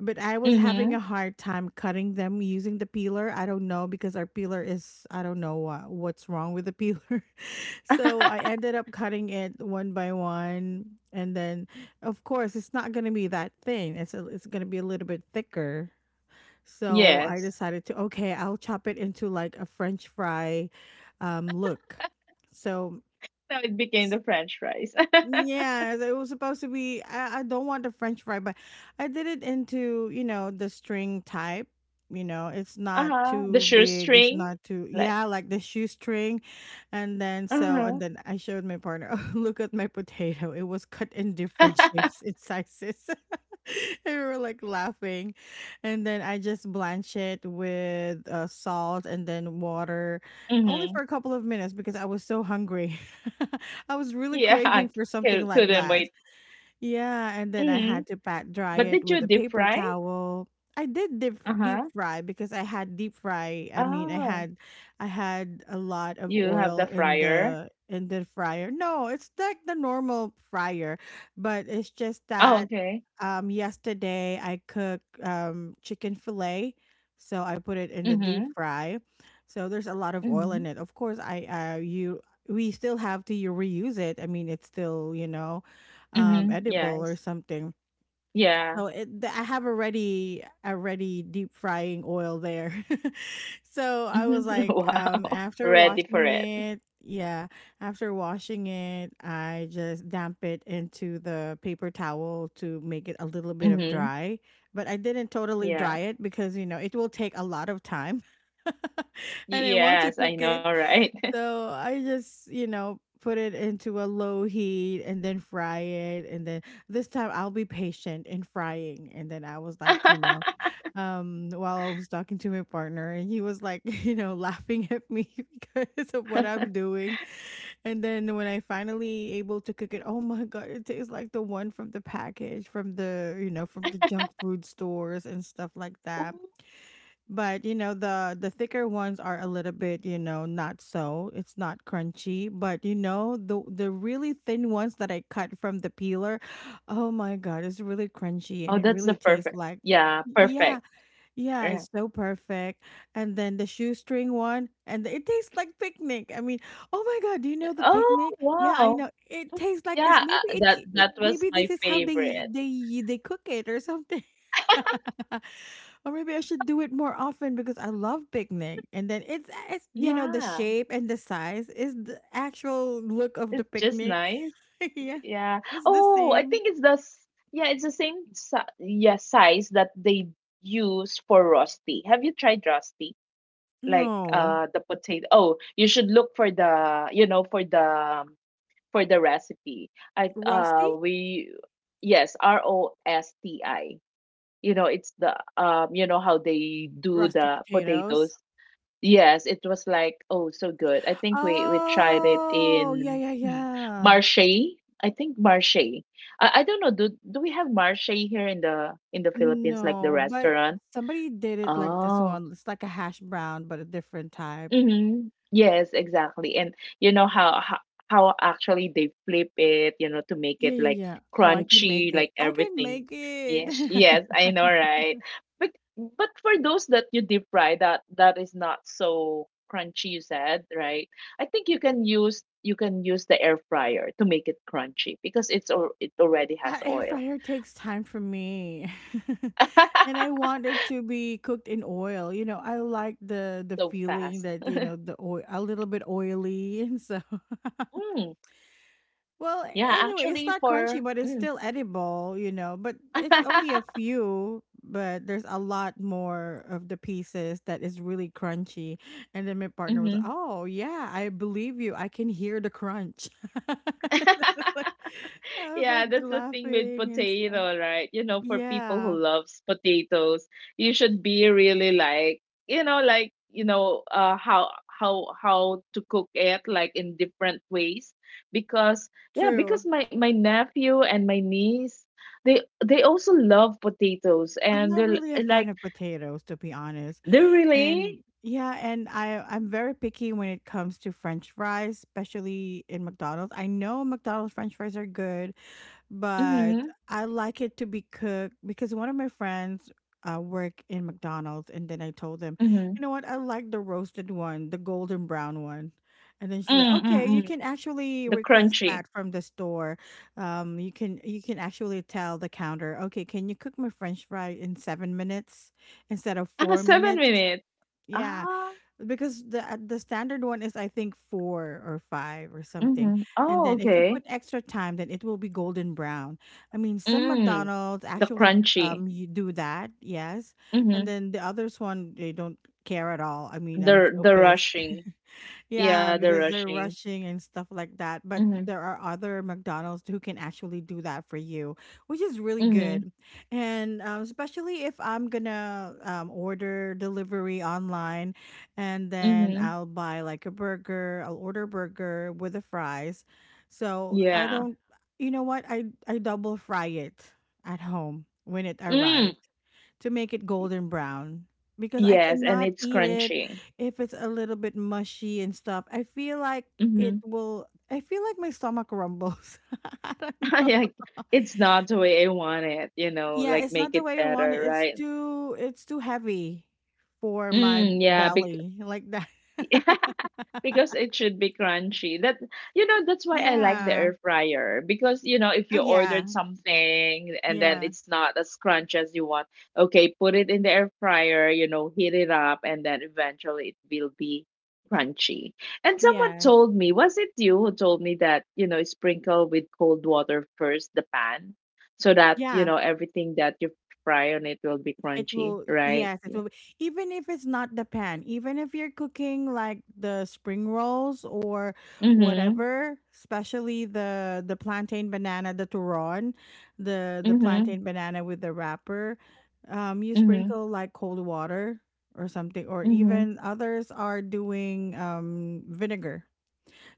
Speaker 1: But I was having a
Speaker 2: Mhm.
Speaker 1: hard time cutting them using the peeler. I don't know because our peeler is, I don't know what, what's wrong with the peeler. So I ended up cutting it one by one, and then of course it's not going to be that thin. It's a, it's going to be a little bit thicker. So I
Speaker 2: Yes.
Speaker 1: decided to, okay, I'll chop it into like a french fry um look. So,
Speaker 2: Now it became
Speaker 1: s-
Speaker 2: the French fries.
Speaker 1: yeah, it was supposed to be. I, I don't want the French fry, but I did it into, you know, the string type. You know, it's not
Speaker 2: Uh-huh. The
Speaker 1: too big. It's
Speaker 2: shoestring.
Speaker 1: not too,
Speaker 2: Like,
Speaker 1: yeah, like the shoestring, and then so,
Speaker 2: uh-huh.
Speaker 1: and then I showed my partner. Oh, look at my potato. It was cut in different shapes and sizes. And we were like laughing, and then I just blanch it with uh, salt and then water, only
Speaker 2: Mhm.
Speaker 1: for a couple of minutes because I was so hungry. I was really
Speaker 2: Yeah, I
Speaker 1: craving for
Speaker 2: cou-
Speaker 1: something
Speaker 2: couldn't
Speaker 1: like
Speaker 2: wait.
Speaker 1: that. Yeah, and then I
Speaker 2: Mhm.
Speaker 1: had to pat dry
Speaker 2: But
Speaker 1: it
Speaker 2: did you
Speaker 1: with a
Speaker 2: deep
Speaker 1: paper
Speaker 2: fry?
Speaker 1: towel. I did deep
Speaker 2: Uh-huh.
Speaker 1: deep fry because I had deep fry. I mean, I
Speaker 2: Oh,
Speaker 1: had I had a lot of
Speaker 2: you have
Speaker 1: oil
Speaker 2: the
Speaker 1: in
Speaker 2: fryer.
Speaker 1: the in the fryer. No, it's like the normal fryer, but it's just
Speaker 2: Oh,
Speaker 1: that
Speaker 2: okay.
Speaker 1: um yesterday I cooked um chicken fillet, so I put it in the deep
Speaker 2: Mhm.
Speaker 1: fry. So there's a lot of oil in
Speaker 2: Mhm.
Speaker 1: it. Of course, I uh you we still have to reuse it. I mean, it's still, you know, um,
Speaker 2: Mhm.
Speaker 1: edible or
Speaker 2: Yes.
Speaker 1: something.
Speaker 2: Yeah.
Speaker 1: So it, th- I have already already deep frying oil there. So I was
Speaker 2: Mhm.
Speaker 1: like, um,
Speaker 2: Wow.
Speaker 1: after
Speaker 2: Ready for
Speaker 1: washing
Speaker 2: it.
Speaker 1: it, yeah, after washing it, I just damp it into the paper towel to make it a little bit of
Speaker 2: Mhm.
Speaker 1: dry. But I didn't totally
Speaker 2: Yeah.
Speaker 1: dry it because you know it will take a lot of time. I didn't want to
Speaker 2: Yes, I
Speaker 1: cook
Speaker 2: know,
Speaker 1: it,
Speaker 2: right?
Speaker 1: so I just, you know, put it into a low heat and then fry it. And then this time I'll be patient in frying. And then I was like, you know, um, while I was talking to my partner, and he was like, you know, laughing at me because of what I'm doing. And then when I finally able to cook it, oh my god, it tastes like the one from the package, from the you know, from the junk food stores and stuff like that. But you know the the thicker ones are a little bit, you know, not so. It's not crunchy, but you know the the really thin ones that I cut from the peeler, oh my god, it's really crunchy and
Speaker 2: Oh,
Speaker 1: it
Speaker 2: that's the
Speaker 1: really tastes
Speaker 2: perfect.
Speaker 1: like
Speaker 2: Yeah,
Speaker 1: yeah,
Speaker 2: perfect.
Speaker 1: yeah,
Speaker 2: Yeah.
Speaker 1: it's so perfect. And then the shoestring one, and it tastes like picnic. I mean, oh my god, do you know the
Speaker 2: Oh,
Speaker 1: picnic? Yeah, I
Speaker 2: wow.
Speaker 1: know. It tastes like this.
Speaker 2: Yeah,
Speaker 1: Maybe
Speaker 2: uh,
Speaker 1: it,
Speaker 2: that
Speaker 1: c- it
Speaker 2: that was
Speaker 1: maybe
Speaker 2: my
Speaker 1: this is how they
Speaker 2: favorite.
Speaker 1: they they cook it or something. Or maybe I should do it more often because I love picnic. And then it's it's you know the
Speaker 2: Yeah,
Speaker 1: shape and the size is the actual look of the
Speaker 2: it's just
Speaker 1: picnic.
Speaker 2: nice.
Speaker 1: Yeah.
Speaker 2: Yeah.
Speaker 1: It's the
Speaker 2: Oh, I
Speaker 1: same.
Speaker 2: think it's the s- yeah, it's the same si yeah size that they use for rosti. Have you tried rosti? Like
Speaker 1: No.
Speaker 2: uh the potato. Oh, you should look for the, you know, for the um, for the recipe. I uh
Speaker 1: Rusty?
Speaker 2: we Yes, R O S T I. You know, it's the, um, you know how they do
Speaker 1: Rusty
Speaker 2: the
Speaker 1: potatoes.
Speaker 2: potatoes. Yes, it was like, oh so good. I think we we tried it
Speaker 1: Oh, yeah,
Speaker 2: in
Speaker 1: yeah,
Speaker 2: hmm,
Speaker 1: yeah.
Speaker 2: Marche. I think Marche. I, I don't know. Do do we have Marche here in the in the Philippines, like the
Speaker 1: No, but
Speaker 2: restaurant?
Speaker 1: somebody did it like this
Speaker 2: Oh.
Speaker 1: one. It's like a hash brown but a different type.
Speaker 2: Mm-hmm. Yes, exactly. And you know how, how how actually they flip it, you know, to make
Speaker 1: Yeah,
Speaker 2: it
Speaker 1: yeah,
Speaker 2: like
Speaker 1: yeah. Oh, I can make
Speaker 2: crunchy,
Speaker 1: it.
Speaker 2: like
Speaker 1: I can
Speaker 2: everything.
Speaker 1: make it.
Speaker 2: Yes. Yes, I know, right? But but for those that you deep fry, that that is not so crunchy, you said, right? I think you can use, you can use the air fryer to make it crunchy, because it's, or it already has
Speaker 1: A air
Speaker 2: oil.
Speaker 1: fryer takes time from me. And I want it to be cooked in oil. You know, I like the the
Speaker 2: So
Speaker 1: feeling
Speaker 2: fast.
Speaker 1: that, you know, the oil a little bit oily and so
Speaker 2: Mm.
Speaker 1: well,
Speaker 2: Yeah,
Speaker 1: anyway, it's
Speaker 2: actually
Speaker 1: not
Speaker 2: for
Speaker 1: crunchy, but it's
Speaker 2: mm.
Speaker 1: still edible, you know, but it's only a few, but there's a lot more of the pieces that is really crunchy. And then my partner was,
Speaker 2: Hmm.
Speaker 1: "Oh, yeah, I believe you. I can hear the crunch." I was like I was
Speaker 2: Yeah,
Speaker 1: like
Speaker 2: that's the thing with
Speaker 1: laughing and stuff.
Speaker 2: potato, right? You know, for people who
Speaker 1: Yeah,
Speaker 2: loves potatoes, you should be really like, you know, like, you know, uh how how how to cook it like in different ways because yeah,
Speaker 1: true.
Speaker 2: because my my nephew and my niece, they they also love potatoes
Speaker 1: I'm
Speaker 2: and
Speaker 1: not
Speaker 2: they're l-
Speaker 1: really a
Speaker 2: like
Speaker 1: fan of potatoes, to be honest.
Speaker 2: they're
Speaker 1: And
Speaker 2: really
Speaker 1: yeah, and I I'm very picky when it comes to French fries, especially in McDonald's. I know McDonald's French fries are good, but
Speaker 2: mm-hmm,
Speaker 1: I like it to be cooked because one of my friends uh, work in McDonald's, and then I told them,
Speaker 2: mm-hmm,
Speaker 1: you know what, I like the roasted one, the golden brown one. And then she said,
Speaker 2: mm, mm,
Speaker 1: "Okay, you
Speaker 2: mm,
Speaker 1: can actually
Speaker 2: the
Speaker 1: request
Speaker 2: crunchy.
Speaker 1: that from the store. Um, you can you can actually tell the counter, okay, can you cook my French fry in seven minutes instead of
Speaker 2: Ah,
Speaker 1: four
Speaker 2: seven
Speaker 1: minutes?
Speaker 2: minutes.
Speaker 1: Yeah,
Speaker 2: Ah,
Speaker 1: because the uh, the standard one is I think four or five or something,
Speaker 2: mm-hmm.
Speaker 1: and
Speaker 2: Oh,
Speaker 1: then if you
Speaker 2: okay.
Speaker 1: put extra time, then it will be golden brown. I mean, some
Speaker 2: Mm.
Speaker 1: McDonald's
Speaker 2: The
Speaker 1: actually
Speaker 2: crunchy.
Speaker 1: um you do that, yes, and
Speaker 2: Mm-hmm.
Speaker 1: then the others one they don't care at all. I mean, I'm
Speaker 2: The
Speaker 1: so
Speaker 2: the
Speaker 1: pissed.
Speaker 2: rushing. Yeah,
Speaker 1: Yeah,
Speaker 2: the
Speaker 1: because they're
Speaker 2: rushing.
Speaker 1: rushing and stuff like that. But
Speaker 2: Mm-hmm.
Speaker 1: there are other McDonald's who can actually do that for you, which is really
Speaker 2: Mm-hmm.
Speaker 1: good. And um, especially if I'm gonna um, order delivery online and then
Speaker 2: Mm-hmm.
Speaker 1: I'll buy like a burger, I'll order burger with the fries. So I
Speaker 2: Yeah.
Speaker 1: don't, you know what? I, I double fry it at home when it arrives
Speaker 2: Mm.
Speaker 1: to make it golden brown because I
Speaker 2: Yes, and
Speaker 1: cannot
Speaker 2: it's
Speaker 1: eat it
Speaker 2: crunchy.
Speaker 1: if it's a little bit mushy and stuff. I feel like
Speaker 2: Mm-hmm.
Speaker 1: it will. I feel like my stomach rumbles. I don't know.
Speaker 2: Yeah, it's not the way I want it, you know,
Speaker 1: Yeah,
Speaker 2: like
Speaker 1: it's
Speaker 2: make
Speaker 1: not the
Speaker 2: it
Speaker 1: way you want it.
Speaker 2: better,
Speaker 1: It's
Speaker 2: right?
Speaker 1: too. It's too heavy for my
Speaker 2: Mm, yeah, bec
Speaker 1: belly like that.
Speaker 2: because it should be crunchy. That you know, that's why I like the
Speaker 1: Yeah.
Speaker 2: air fryer, because you know, if
Speaker 1: Oh
Speaker 2: you
Speaker 1: yeah.
Speaker 2: ordered something and then
Speaker 1: Yeah.
Speaker 2: it's not as crunchy as you want, okay, put it in the air fryer, you know, heat it up, and then eventually it will be crunchy. And someone
Speaker 1: Yes.
Speaker 2: told me, was it you who told me that, you know, sprinkle with cold water first the pan, so that you
Speaker 1: Yeah.
Speaker 2: know everything that you fry on it will be
Speaker 1: It
Speaker 2: crunchy,
Speaker 1: will,
Speaker 2: right?
Speaker 1: yes, it
Speaker 2: Yeah.
Speaker 1: will. Be- Even if it's not the pan, even if you're cooking like the spring rolls or
Speaker 2: Mhm.
Speaker 1: whatever, especially the the plantain banana, the turon, the the
Speaker 2: Mhm.
Speaker 1: plantain banana with the wrapper, um, you
Speaker 2: Mhm.
Speaker 1: sprinkle like cold water or something, or
Speaker 2: Mhm.
Speaker 1: even others are doing um vinegar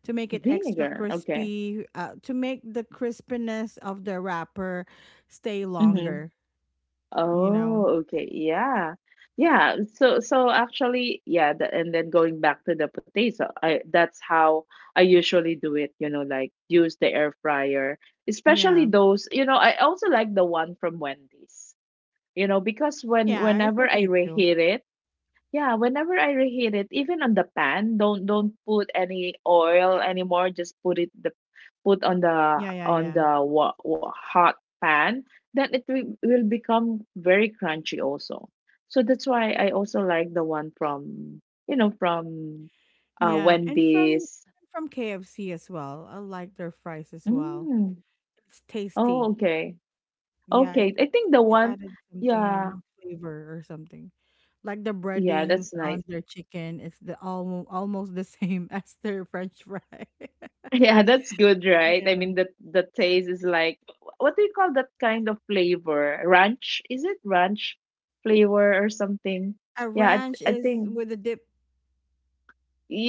Speaker 1: to make it extra
Speaker 2: Vinegar. Okay.
Speaker 1: crispy, uh, to make the crispiness of the wrapper stay
Speaker 2: Mm-hmm.
Speaker 1: longer. You
Speaker 2: Oh,
Speaker 1: know,
Speaker 2: okay. Yeah. Yeah. So so actually, yeah, the, and then going back to the potato, I that's how I usually do it, you know, like use the air fryer, especially
Speaker 1: yeah.
Speaker 2: those, you know, I also like the one from Wendy's. You know, because when
Speaker 1: Yeah, it's
Speaker 2: whenever I
Speaker 1: okay too.
Speaker 2: reheat it, yeah, whenever I reheat it, even on the pan, don't don't put any oil anymore. Just put it the put on the
Speaker 1: Yeah, yeah,
Speaker 2: on
Speaker 1: yeah.
Speaker 2: the wa- wa- hot pan. Then it will, will become very crunchy also. So that's why I also like the one from, you know, from uh
Speaker 1: Yeah, and from
Speaker 2: Wendy's.
Speaker 1: from K F C as well. I like their fries as well.
Speaker 2: Mm.
Speaker 1: It's
Speaker 2: Oh,
Speaker 1: tasty.
Speaker 2: okay,
Speaker 1: Yeah, it
Speaker 2: okay. I think the
Speaker 1: they
Speaker 2: one,
Speaker 1: added
Speaker 2: yeah,
Speaker 1: something flavor or something. Like the
Speaker 2: yeah,
Speaker 1: breadings
Speaker 2: that's
Speaker 1: on
Speaker 2: nice.
Speaker 1: their chicken, it's the almost almost the same as their French fry.
Speaker 2: Yeah, that's good, right? I
Speaker 1: Yeah.
Speaker 2: mean, the the taste is like, what do you call that kind of flavor? Ranch? Is it ranch flavor or something?
Speaker 1: A
Speaker 2: Yeah, I,
Speaker 1: ranch
Speaker 2: th- I
Speaker 1: is
Speaker 2: think.
Speaker 1: with a dip,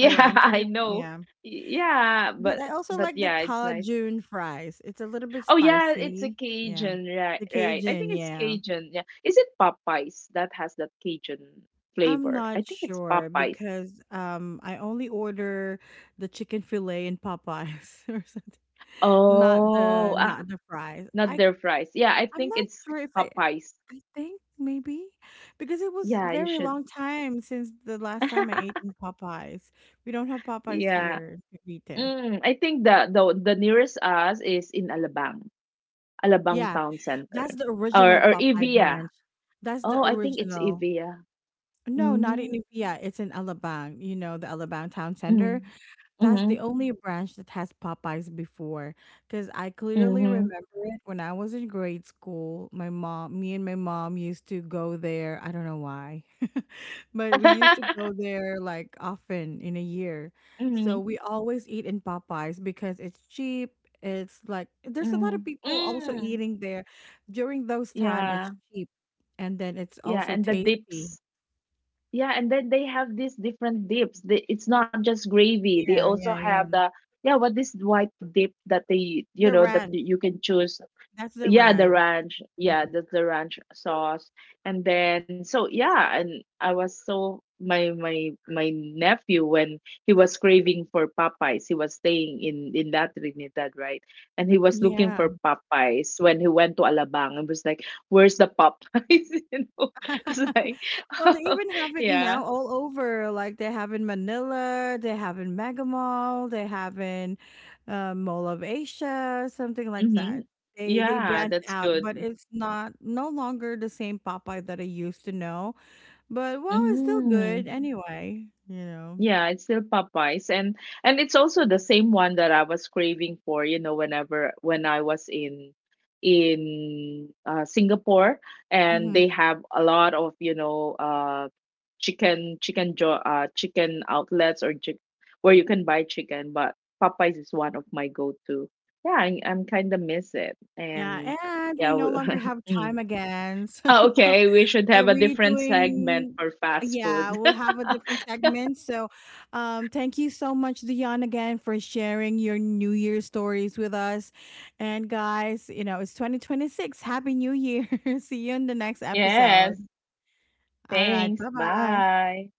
Speaker 1: a ranch
Speaker 2: I
Speaker 1: dip.
Speaker 2: know.
Speaker 1: Yeah.
Speaker 2: Yeah,
Speaker 1: But
Speaker 2: but
Speaker 1: I also
Speaker 2: but
Speaker 1: like the
Speaker 2: yeah, it's nice.
Speaker 1: Cajun fries. It's a little bit
Speaker 2: Oh yeah, it's a
Speaker 1: spicy. Yeah.
Speaker 2: Cajun, right?
Speaker 1: The
Speaker 2: Right. I
Speaker 1: Cajun,
Speaker 2: think it's
Speaker 1: yeah.
Speaker 2: Cajun. Yeah. Is it Popeyes that has that Cajun
Speaker 1: I'm
Speaker 2: flavor?
Speaker 1: not
Speaker 2: I think it's
Speaker 1: sure
Speaker 2: Popeyes.
Speaker 1: because um I only order the chicken fillet in Popeyes or something. Not the Oh.
Speaker 2: Oh, ah,
Speaker 1: Not the fries.
Speaker 2: not
Speaker 1: I
Speaker 2: their fries. Yeah, I
Speaker 1: I'm
Speaker 2: think
Speaker 1: not
Speaker 2: it's
Speaker 1: sure if I
Speaker 2: Popeyes.
Speaker 1: I think maybe because it was
Speaker 2: Yeah, you
Speaker 1: very
Speaker 2: should.
Speaker 1: long time since the last time I ate in Popeyes. We don't have Popeyes
Speaker 2: Yeah.
Speaker 1: here in Cavite.
Speaker 2: Mm, I think the the the nearest us is in Alabang, Alabang
Speaker 1: Yeah,
Speaker 2: Town Center,
Speaker 1: that's the original
Speaker 2: or or
Speaker 1: Popeye
Speaker 2: Evia.
Speaker 1: branch. That's the
Speaker 2: Oh, I think it's
Speaker 1: original.
Speaker 2: Evia.
Speaker 1: No, not in
Speaker 2: Mm,
Speaker 1: Nuvia. It's in Alabang. You know the Alabang Town Center.
Speaker 2: mm,
Speaker 1: That's the
Speaker 2: mm,
Speaker 1: only branch that has Popeyes before. Because I clearly
Speaker 2: mm,
Speaker 1: remember it when I was in grade school. My mom, me and my mom used to go there. I don't know why, but we used to go there like often in a year. So
Speaker 2: mm,
Speaker 1: we always eat in Popeyes because it's cheap. It's like there's a lot
Speaker 2: mm,
Speaker 1: of people also
Speaker 2: mm.
Speaker 1: eating there during those time. It's
Speaker 2: Yeah,
Speaker 1: cheap and then it's
Speaker 2: yeah,
Speaker 1: also
Speaker 2: and the
Speaker 1: tasty.
Speaker 2: dips. Yeah, and then they have these different dips. They, it's not just gravy. They
Speaker 1: Yeah,
Speaker 2: also
Speaker 1: yeah,
Speaker 2: have
Speaker 1: yeah.
Speaker 2: the, yeah, what this white dip that they, you
Speaker 1: The
Speaker 2: know, that
Speaker 1: ranch.
Speaker 2: y- you can choose,
Speaker 1: That's the
Speaker 2: yeah, the
Speaker 1: ranch.
Speaker 2: ranch, yeah,
Speaker 1: Mhm.
Speaker 2: the, the ranch sauce. And then so, yeah, and I was, so my my my nephew, when he was craving for Popeyes, he was staying in in that Trinidad, right? And he was looking
Speaker 1: Yeah.
Speaker 2: for Popeyes when he went to Alabang and was like, where's the Popeyes? You know, was like
Speaker 1: Well, they even have it
Speaker 2: yeah.
Speaker 1: now all over. Like they have in Manila, they have in Mega Mall, they have in uh, Mall of Asia, something like
Speaker 2: Hmm.
Speaker 1: that. They they
Speaker 2: Yeah,
Speaker 1: branch
Speaker 2: that's
Speaker 1: out,
Speaker 2: good.
Speaker 1: but it's not no longer the same Popeye that I used to know. But well, it's still good
Speaker 2: Mm-hmm.
Speaker 1: anyway. You know.
Speaker 2: Yeah, it's still Popeyes, and and it's also the same one that I was craving for, you know, whenever when I was in in uh, Singapore, and
Speaker 1: Hmm.
Speaker 2: they have a lot of, you know, uh chicken chicken jo uh chicken outlets, or chick where you can buy chicken, but Popeyes is one of my go-to. Yeah, I, I'm kind of miss it.
Speaker 1: Yeah,
Speaker 2: And
Speaker 1: and we
Speaker 2: yeah,
Speaker 1: no
Speaker 2: we,
Speaker 1: longer have
Speaker 2: mm.
Speaker 1: time again.
Speaker 2: Oh, okay, we should
Speaker 1: Are
Speaker 2: have a
Speaker 1: we
Speaker 2: different segment
Speaker 1: doing?
Speaker 2: for fast
Speaker 1: Yeah,
Speaker 2: food.
Speaker 1: we'll have a different segment. So, um, thank you so much, Dion, again for sharing your New Year stories with us. And guys, you know it's twenty twenty-six. Happy New Year! See you in the next
Speaker 2: Yes.
Speaker 1: episode. All right,
Speaker 2: Thanks.
Speaker 1: bye bye.
Speaker 2: Bye.